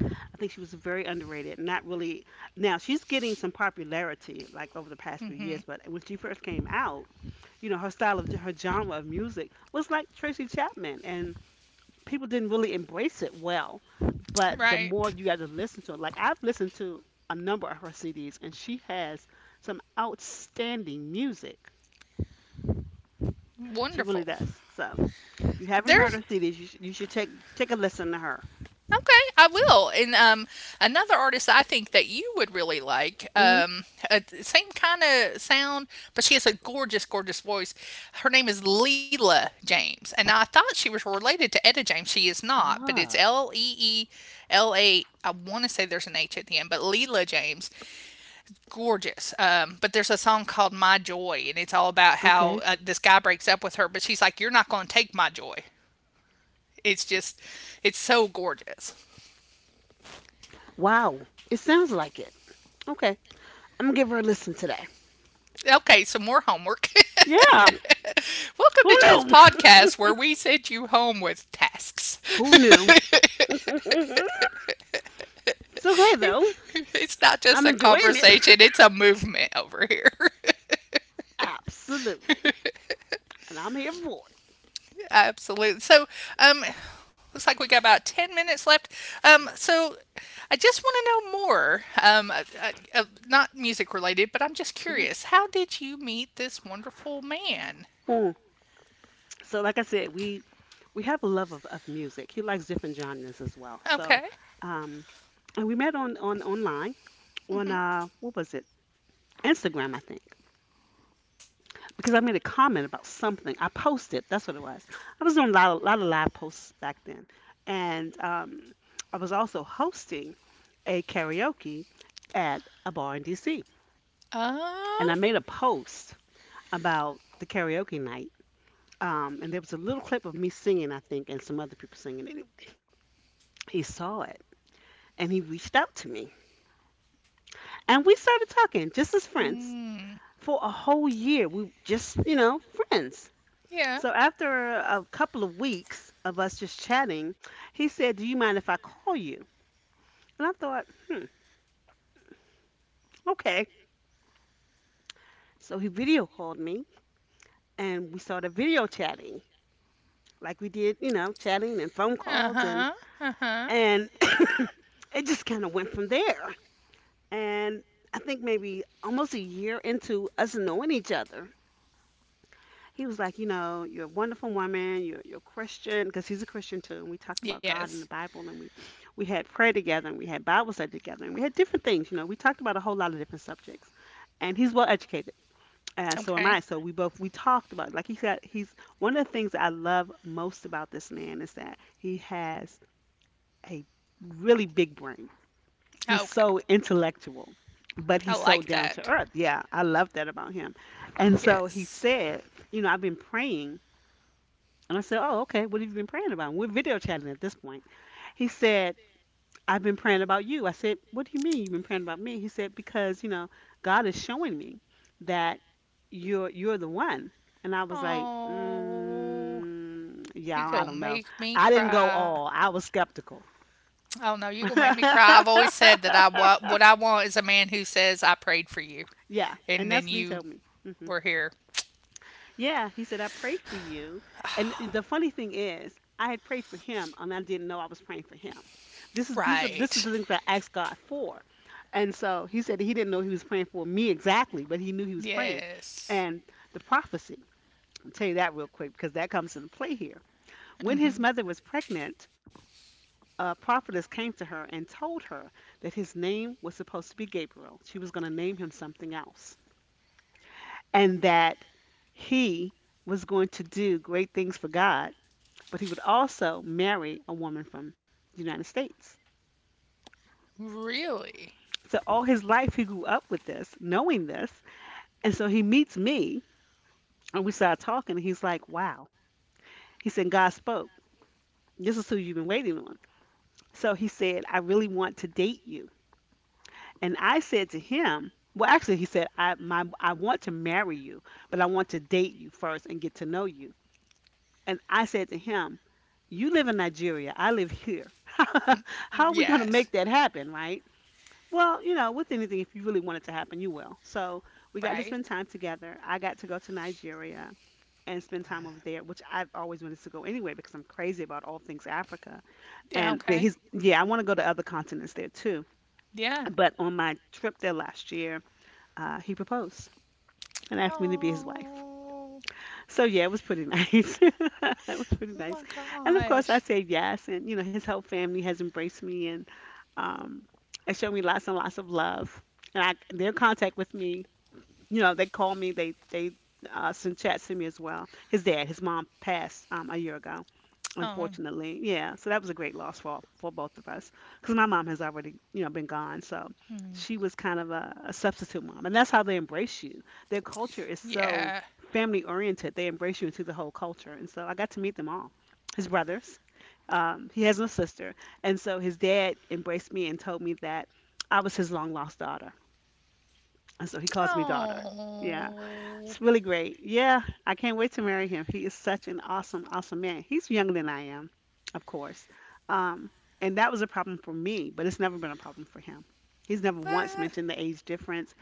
Speaker 1: I think she was very underrated. Not really. Now she's getting some popularity like over the past few
Speaker 2: Mm-hmm.
Speaker 1: years, but when she first came out, you know, her style of her genre of music was like Tracy Chapman, and people didn't really embrace it well. But the more
Speaker 2: Right.
Speaker 1: you got to listen to it, like I've listened to a number of her CDs, and she has some outstanding music. She really
Speaker 2: Wonderful.
Speaker 1: does. So if you haven't heard
Speaker 2: There's
Speaker 1: her CDs, you should take a listen to her.
Speaker 2: okay. I will. And another artist I think that you would really like.
Speaker 1: Hmm.
Speaker 2: Same kind of sound, but she has a gorgeous, gorgeous voice. Her name is Leela James, and I thought she was related to Etta James. She is not, but it's
Speaker 1: Ah,
Speaker 2: Leela. I want to say there's an H at the end, but Leela James, gorgeous. But there's a song called My Joy, and it's all about how,
Speaker 1: okay.
Speaker 2: this guy breaks up with her, but she's like, you're not going to take my joy. It's just, it's so gorgeous.
Speaker 1: Wow. It sounds like it. Okay. I'm gonna give her a listen today.
Speaker 2: Okay, some more homework.
Speaker 1: Yeah.
Speaker 2: Welcome
Speaker 1: Who
Speaker 2: to Jazz
Speaker 1: knew?
Speaker 2: Podcast, where we send you home with tasks.
Speaker 1: Who knew? it's okay though.
Speaker 2: It's not just
Speaker 1: I'm
Speaker 2: a
Speaker 1: enjoying it.
Speaker 2: conversation, it's a movement over here.
Speaker 1: Absolutely. And I'm here for
Speaker 2: Absolutely. So, um, looks like we got about 10 minutes left. Um,
Speaker 1: it.
Speaker 2: so I just want to know more. Not music related, but I'm just
Speaker 1: Yeah. Mhm.
Speaker 2: curious. How did you meet this wonderful man?
Speaker 1: Hmm. So like I said, we have a love of music. He likes different genres as well.
Speaker 2: Okay.
Speaker 1: So um and we met on online on
Speaker 2: Mm-hmm.
Speaker 1: what was it? Instagram, I think. Because I made a comment about something I posted. That's what it was. I was doing a lot of live posts back then, and I was also hosting a karaoke at a bar in D.C.
Speaker 2: Uh,
Speaker 1: And I made a post about the karaoke night, and there was a little clip of me singing, I think, and some other people singing. Anyway, he saw it and he reached out to me, and we started talking just as friends.
Speaker 2: mm,
Speaker 1: For a whole year, we just, you know, friends.
Speaker 2: yeah.
Speaker 1: So after a couple of weeks of us just chatting, he said, "Do you mind if I call you?" And I thought, "Hmm, okay." So he video called me, and we started video chatting, like we did, chatting and phone
Speaker 2: Uh
Speaker 1: calls,
Speaker 2: huh.
Speaker 1: and
Speaker 2: Uh huh.
Speaker 1: and it just kind of went from there. And I think maybe almost a year into us knowing each other, he was like, you know, you're a wonderful woman. You're Christian, because he's a Christian too. And we talked about God
Speaker 2: Yes.
Speaker 1: and the Bible, and we had prayer together, and we had Bible study together, and we had different things. You know, we talked about a whole lot of different subjects. And he's well educated, and so am
Speaker 2: Okay.
Speaker 1: I. So we both we talked about, like he said he's one of the things I love most about this man is that he has a really big brain. He's
Speaker 2: Okay.
Speaker 1: so intellectual, but
Speaker 2: I
Speaker 1: he's so
Speaker 2: like
Speaker 1: down to
Speaker 2: that.
Speaker 1: earth. Yeah, I love that about him. And so he
Speaker 2: Yes.
Speaker 1: said, you know, I've been praying. And I said, oh, okay. What have you been praying about? And we're video chatting at this point. He said, I've been praying about you. I said, what do you mean you've been praying about me? He said, because, you know, God is showing me that you're the one. And I was like,
Speaker 2: Oh,
Speaker 1: mm,
Speaker 2: you
Speaker 1: yeah, I
Speaker 2: gonna
Speaker 1: don't know.
Speaker 2: make me
Speaker 1: I didn't go
Speaker 2: cry.
Speaker 1: all. I was skeptical.
Speaker 2: Oh no, you're gonna make me cry. I've always said that what I want is a man who says I prayed for you,
Speaker 1: yeah,
Speaker 2: and
Speaker 1: and
Speaker 2: then
Speaker 1: that's what he
Speaker 2: you
Speaker 1: told me. Mm-hmm.
Speaker 2: were here.
Speaker 1: Yeah, he said, I prayed for you. And the funny thing is, I had prayed for him and I didn't know I was praying for him. This is these are this
Speaker 2: Right.
Speaker 1: is the things I asked God for. And so he said he didn't know he was praying for me exactly, but he knew he was praying.
Speaker 2: Yes.
Speaker 1: And the prophecy, I'll tell you that real quick because that comes into play here. When his
Speaker 2: Hmm.
Speaker 1: mother was pregnant, a prophetess came to her and told her that his name was supposed to be Gabriel. She was going to name him something else, and that he was going to do great things for God, but he would also marry a woman from the United States.
Speaker 2: Really.
Speaker 1: So all his life he grew up with this, knowing this. And so he meets me and we start talking and he's like, wow. He said, God spoke. This is who you've been waiting on. So he said, I really want to date you. And I said to him, well, actually, he said, I, my, I want to marry you, but I want to date you first and get to know you. And I said to him, you live in Nigeria, I live here. How are we going to
Speaker 2: Yes.
Speaker 1: make that happen, right? Well, you know, with anything, if you really want it to happen, you will. So we got to spend
Speaker 2: Right.
Speaker 1: time together. I got to go to Nigeria and spend time over there, which I've always wanted to go anyway because I'm crazy about all things Africa.
Speaker 2: Yeah.
Speaker 1: And but
Speaker 2: Okay.
Speaker 1: he's, yeah, I want to go to other continents there too.
Speaker 2: Yeah.
Speaker 1: But on my trip there last year, he proposed and asked me to be his wife.
Speaker 2: Oh.
Speaker 1: So yeah, it was pretty nice. It was pretty
Speaker 2: Oh
Speaker 1: nice.
Speaker 2: my
Speaker 1: And of course I
Speaker 2: gosh.
Speaker 1: said yes, and you know his whole family has embraced me um and showed me lots and lots of love. And I they're in contact with me. You know, they call me, they send chats to me as well. His dad, his mom passed a year ago.
Speaker 2: Um.
Speaker 1: Unfortunately, yeah. So that was a great loss for both of us because my mom has already, you know, been gone. So
Speaker 2: Hmm.
Speaker 1: she was kind of a substitute mom, and that's how they embrace you. Their culture is so
Speaker 2: Yeah.
Speaker 1: family oriented. They embrace you into the whole culture, and so I got to meet them all. His brothers, he has no sister, and so his dad embraced me and told me that I was his long lost daughter, and so he calls me daughter. Yeah.
Speaker 2: Oh.
Speaker 1: It's really great. Yeah, I can't wait to marry him. He is such an awesome, awesome man. He's younger than I am, of course. Um, and that was a problem for me, but it's never been a problem for him. He's never once
Speaker 2: What?
Speaker 1: mentioned the age difference.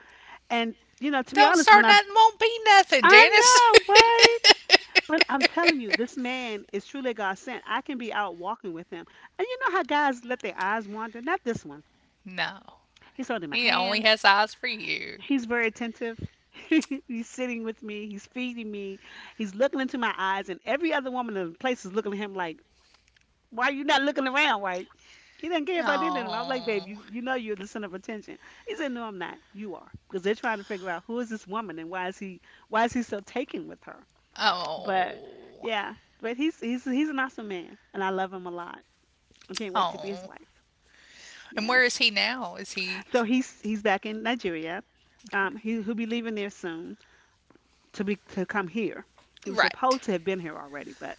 Speaker 1: And, you know, to be
Speaker 2: Don't
Speaker 1: honest, when
Speaker 2: start
Speaker 1: I'm,
Speaker 2: nothing. Won't be nothing,
Speaker 1: I
Speaker 2: Janice.
Speaker 1: know, right? But I'm telling you, this man is truly God sent. I can be out walking with him. And you know how guys let their eyes wander? Not this one.
Speaker 2: No.
Speaker 1: He's holding my
Speaker 2: He only
Speaker 1: hand.
Speaker 2: has eyes for you.
Speaker 1: He's very attentive. he's sitting with me. He's feeding me. He's looking into my eyes, and every other woman in the place is looking at him like, "Why you not looking around, right?" He doesn't care about any of them. I'm like,
Speaker 2: Oh,
Speaker 1: "Babe, you know you're the center of attention." He said, "No, I'm not. You are, because they're trying to figure out who is this woman and why is he so taken with her." But
Speaker 2: oh,
Speaker 1: yeah, but he's an awesome man, and I love him a lot. I can't wait to be
Speaker 2: oh.
Speaker 1: his wife.
Speaker 2: And where
Speaker 1: Yeah.
Speaker 2: is he now? Is he
Speaker 1: So he's back in Nigeria.
Speaker 2: okay?
Speaker 1: He'll be leaving there soon to be to come here. He was
Speaker 2: Right,
Speaker 1: supposed to have been here already, but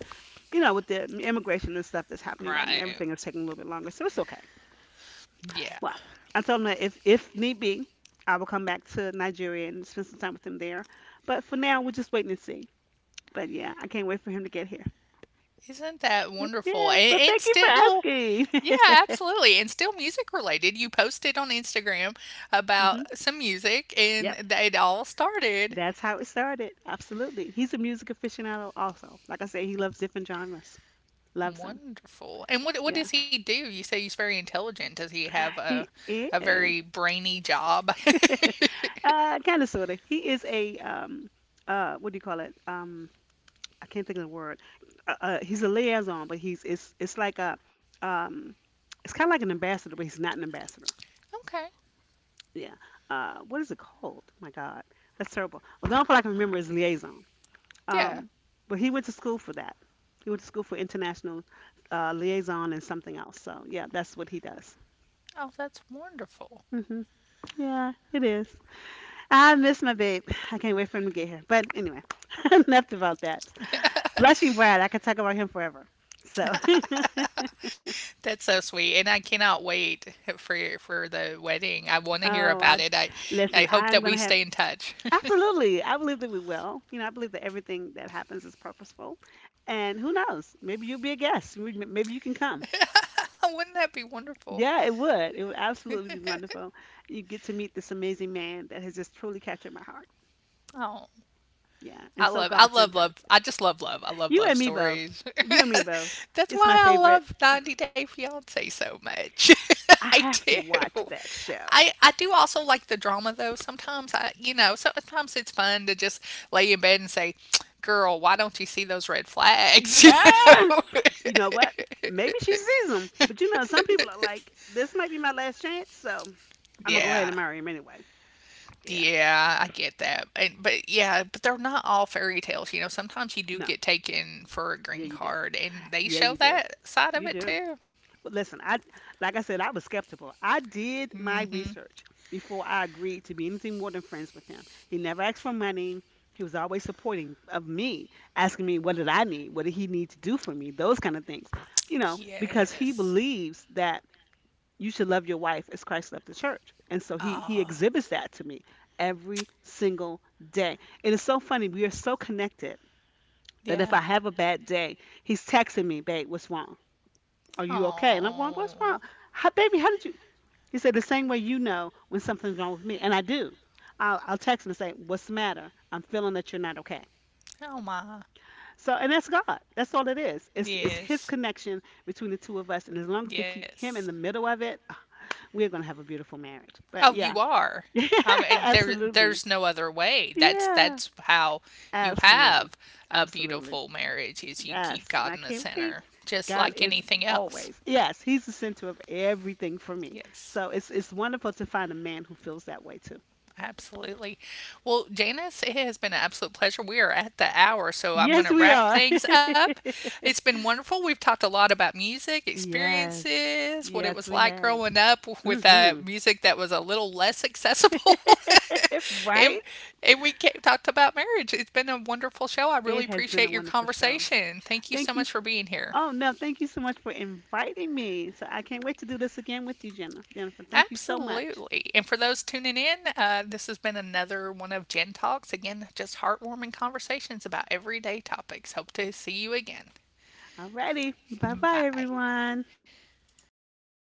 Speaker 1: you know, with the immigration and stuff that's happening right now,
Speaker 2: right.
Speaker 1: everything is taking a little bit longer. So it's okay.
Speaker 2: Yeah.
Speaker 1: Well, I told him that if need be, I will come back to Nigeria and spend some time with him there. But for now, we're just waiting and see. But yeah, I can't wait for him to get here.
Speaker 2: Isn't that wonderful?
Speaker 1: Yeah.
Speaker 2: And,
Speaker 1: Well,
Speaker 2: and
Speaker 1: thank you
Speaker 2: still, yeah,
Speaker 1: for asking.
Speaker 2: absolutely. And still music related. You posted on Instagram
Speaker 1: hmm.
Speaker 2: about some music, and
Speaker 1: Yep.
Speaker 2: it all started.
Speaker 1: That's how it started. Absolutely. He's a music aficionado also. Like I said, he loves different genres. Loves them.
Speaker 2: Wonderful. And what
Speaker 1: Yeah.
Speaker 2: does he do? You say he's very intelligent. Does he have a
Speaker 1: He
Speaker 2: a
Speaker 1: is.
Speaker 2: very brainy job?
Speaker 1: Kind of sorta. He is a what do you call it? I can't think of the word. He's a liaison, but he's it's like a um, it's kind of like an ambassador, but he's not an ambassador.
Speaker 2: Okay.
Speaker 1: Yeah. What is it called? Oh my God, that's terrible. Well, the only part I can remember is liaison. Um,
Speaker 2: Yeah.
Speaker 1: but he went to school for that. He went to school for international liaison and something else. So yeah, that's what he does.
Speaker 2: Oh, that's wonderful.
Speaker 1: Hmm. Yeah, it is. I miss my babe. I can't wait for him to get here. But anyway, enough about that. Blushing Brad, I could talk about him forever. So, oh,
Speaker 2: That's so sweet, and I cannot wait for the wedding. I want to hear
Speaker 1: I
Speaker 2: about it.
Speaker 1: listen.
Speaker 2: I hope
Speaker 1: I'm
Speaker 2: that
Speaker 1: gonna
Speaker 2: we
Speaker 1: have
Speaker 2: stay in touch.
Speaker 1: absolutely. I believe that we will. You know, I believe that everything that happens is purposeful. And who knows? Maybe you'll be a guest. Maybe you can come.
Speaker 2: Wouldn't that be wonderful?
Speaker 1: Yeah, it would. It would absolutely be wonderful. You get to meet this amazing man that has just truly captured my heart.
Speaker 2: Oh.
Speaker 1: Yeah, and so
Speaker 2: I
Speaker 1: God
Speaker 2: love,
Speaker 1: centered.
Speaker 2: love. I just love love. I love
Speaker 1: You
Speaker 2: love
Speaker 1: and me both.
Speaker 2: stories.
Speaker 1: You and me both.
Speaker 2: That's
Speaker 1: It's my
Speaker 2: why I
Speaker 1: favorite.
Speaker 2: love 90 Day Fiance so much.
Speaker 1: I
Speaker 2: I
Speaker 1: have to watch
Speaker 2: do.
Speaker 1: that show.
Speaker 2: I do also like the drama though. Sometimes sometimes it's fun to just lay in bed and say, "Girl, why don't you see those red flags?"
Speaker 1: Ah!
Speaker 2: You know?
Speaker 1: You know what? Maybe she sees them, but you know, some people are like, this might be my last chance, so I'm gonna go ahead
Speaker 2: yeah.
Speaker 1: and marry him anyway. Yeah,
Speaker 2: Yeah, I get that. And but yeah, but they're not all fairy tales. Sometimes you do
Speaker 1: no,
Speaker 2: get taken for a
Speaker 1: yeah,
Speaker 2: green
Speaker 1: you do.
Speaker 2: card and they
Speaker 1: Yeah,
Speaker 2: show
Speaker 1: you do.
Speaker 2: that side of
Speaker 1: You
Speaker 2: it
Speaker 1: do.
Speaker 2: too.
Speaker 1: But listen, I like I said, I was skeptical. I did my
Speaker 2: Mhm.
Speaker 1: research before I agreed to be anything more than friends with him. He never asked for money. He was always supporting of me, asking me what did I need, what did he need to do for me, those kind of things. You know, because he
Speaker 2: Yes.
Speaker 1: believes that you should love your wife as Christ loved the church. And so he
Speaker 2: Oh,
Speaker 1: exhibits that to me every single day. It is so funny. We are so connected that if
Speaker 2: yeah.
Speaker 1: I have a bad day, he's texting me, babe, what's wrong? Are you okay? And I'm going, what's
Speaker 2: Oh.
Speaker 1: wrong? How, baby, how did you? He said, the same way you know when something's wrong with me. And I do. I'll text him and say, what's the matter? I'm feeling that you're not okay.
Speaker 2: Oh my.
Speaker 1: So, and that's God. That's all it is. It's his
Speaker 2: Yes.
Speaker 1: connection between the two of us. And as long as we keep him
Speaker 2: Yes.
Speaker 1: in the middle of it, we're going to have a beautiful marriage. But
Speaker 2: Oh,
Speaker 1: yeah,
Speaker 2: you are. There,
Speaker 1: absolutely.
Speaker 2: there's no other way. That's
Speaker 1: Yeah.
Speaker 2: that's how you
Speaker 1: Absolutely.
Speaker 2: have a
Speaker 1: Absolutely.
Speaker 2: beautiful marriage, is you keep
Speaker 1: Yes. And
Speaker 2: God
Speaker 1: I
Speaker 2: in the
Speaker 1: can't wait.
Speaker 2: center, just
Speaker 1: God
Speaker 2: like
Speaker 1: is
Speaker 2: anything else.
Speaker 1: always. Yes, he's the center of everything for me.
Speaker 2: Yes.
Speaker 1: So it's wonderful to find a man who feels that way too.
Speaker 2: Absolutely. Well, Janice, it has been an absolute pleasure. We are at the hour, so I'm going
Speaker 1: Yes,
Speaker 2: to
Speaker 1: we
Speaker 2: wrap
Speaker 1: are.
Speaker 2: things up. It's been wonderful. We've talked a lot about music,
Speaker 1: yes.
Speaker 2: experiences, what it
Speaker 1: Yes,
Speaker 2: was
Speaker 1: we
Speaker 2: like
Speaker 1: have.
Speaker 2: growing up with,
Speaker 1: Mhm.
Speaker 2: music that was a little less accessible. and,
Speaker 1: right?
Speaker 2: and we talked about marriage. It's been a wonderful show. I
Speaker 1: It
Speaker 2: really
Speaker 1: has been a
Speaker 2: appreciate your
Speaker 1: wonderful show.
Speaker 2: conversation. Thank you
Speaker 1: Thank
Speaker 2: so
Speaker 1: you.
Speaker 2: much for being here.
Speaker 1: Oh, no, thank you so much for inviting me. So I can't wait to do this again with you, Jenna. Jennifer, thank you so much.
Speaker 2: Absolutely. And for those tuning in, this has been another one of Jen Talks. Again, just heartwarming conversations about everyday topics. Hope to see you again.
Speaker 1: Alrighty. Bye bye,
Speaker 2: Bye.
Speaker 1: everyone.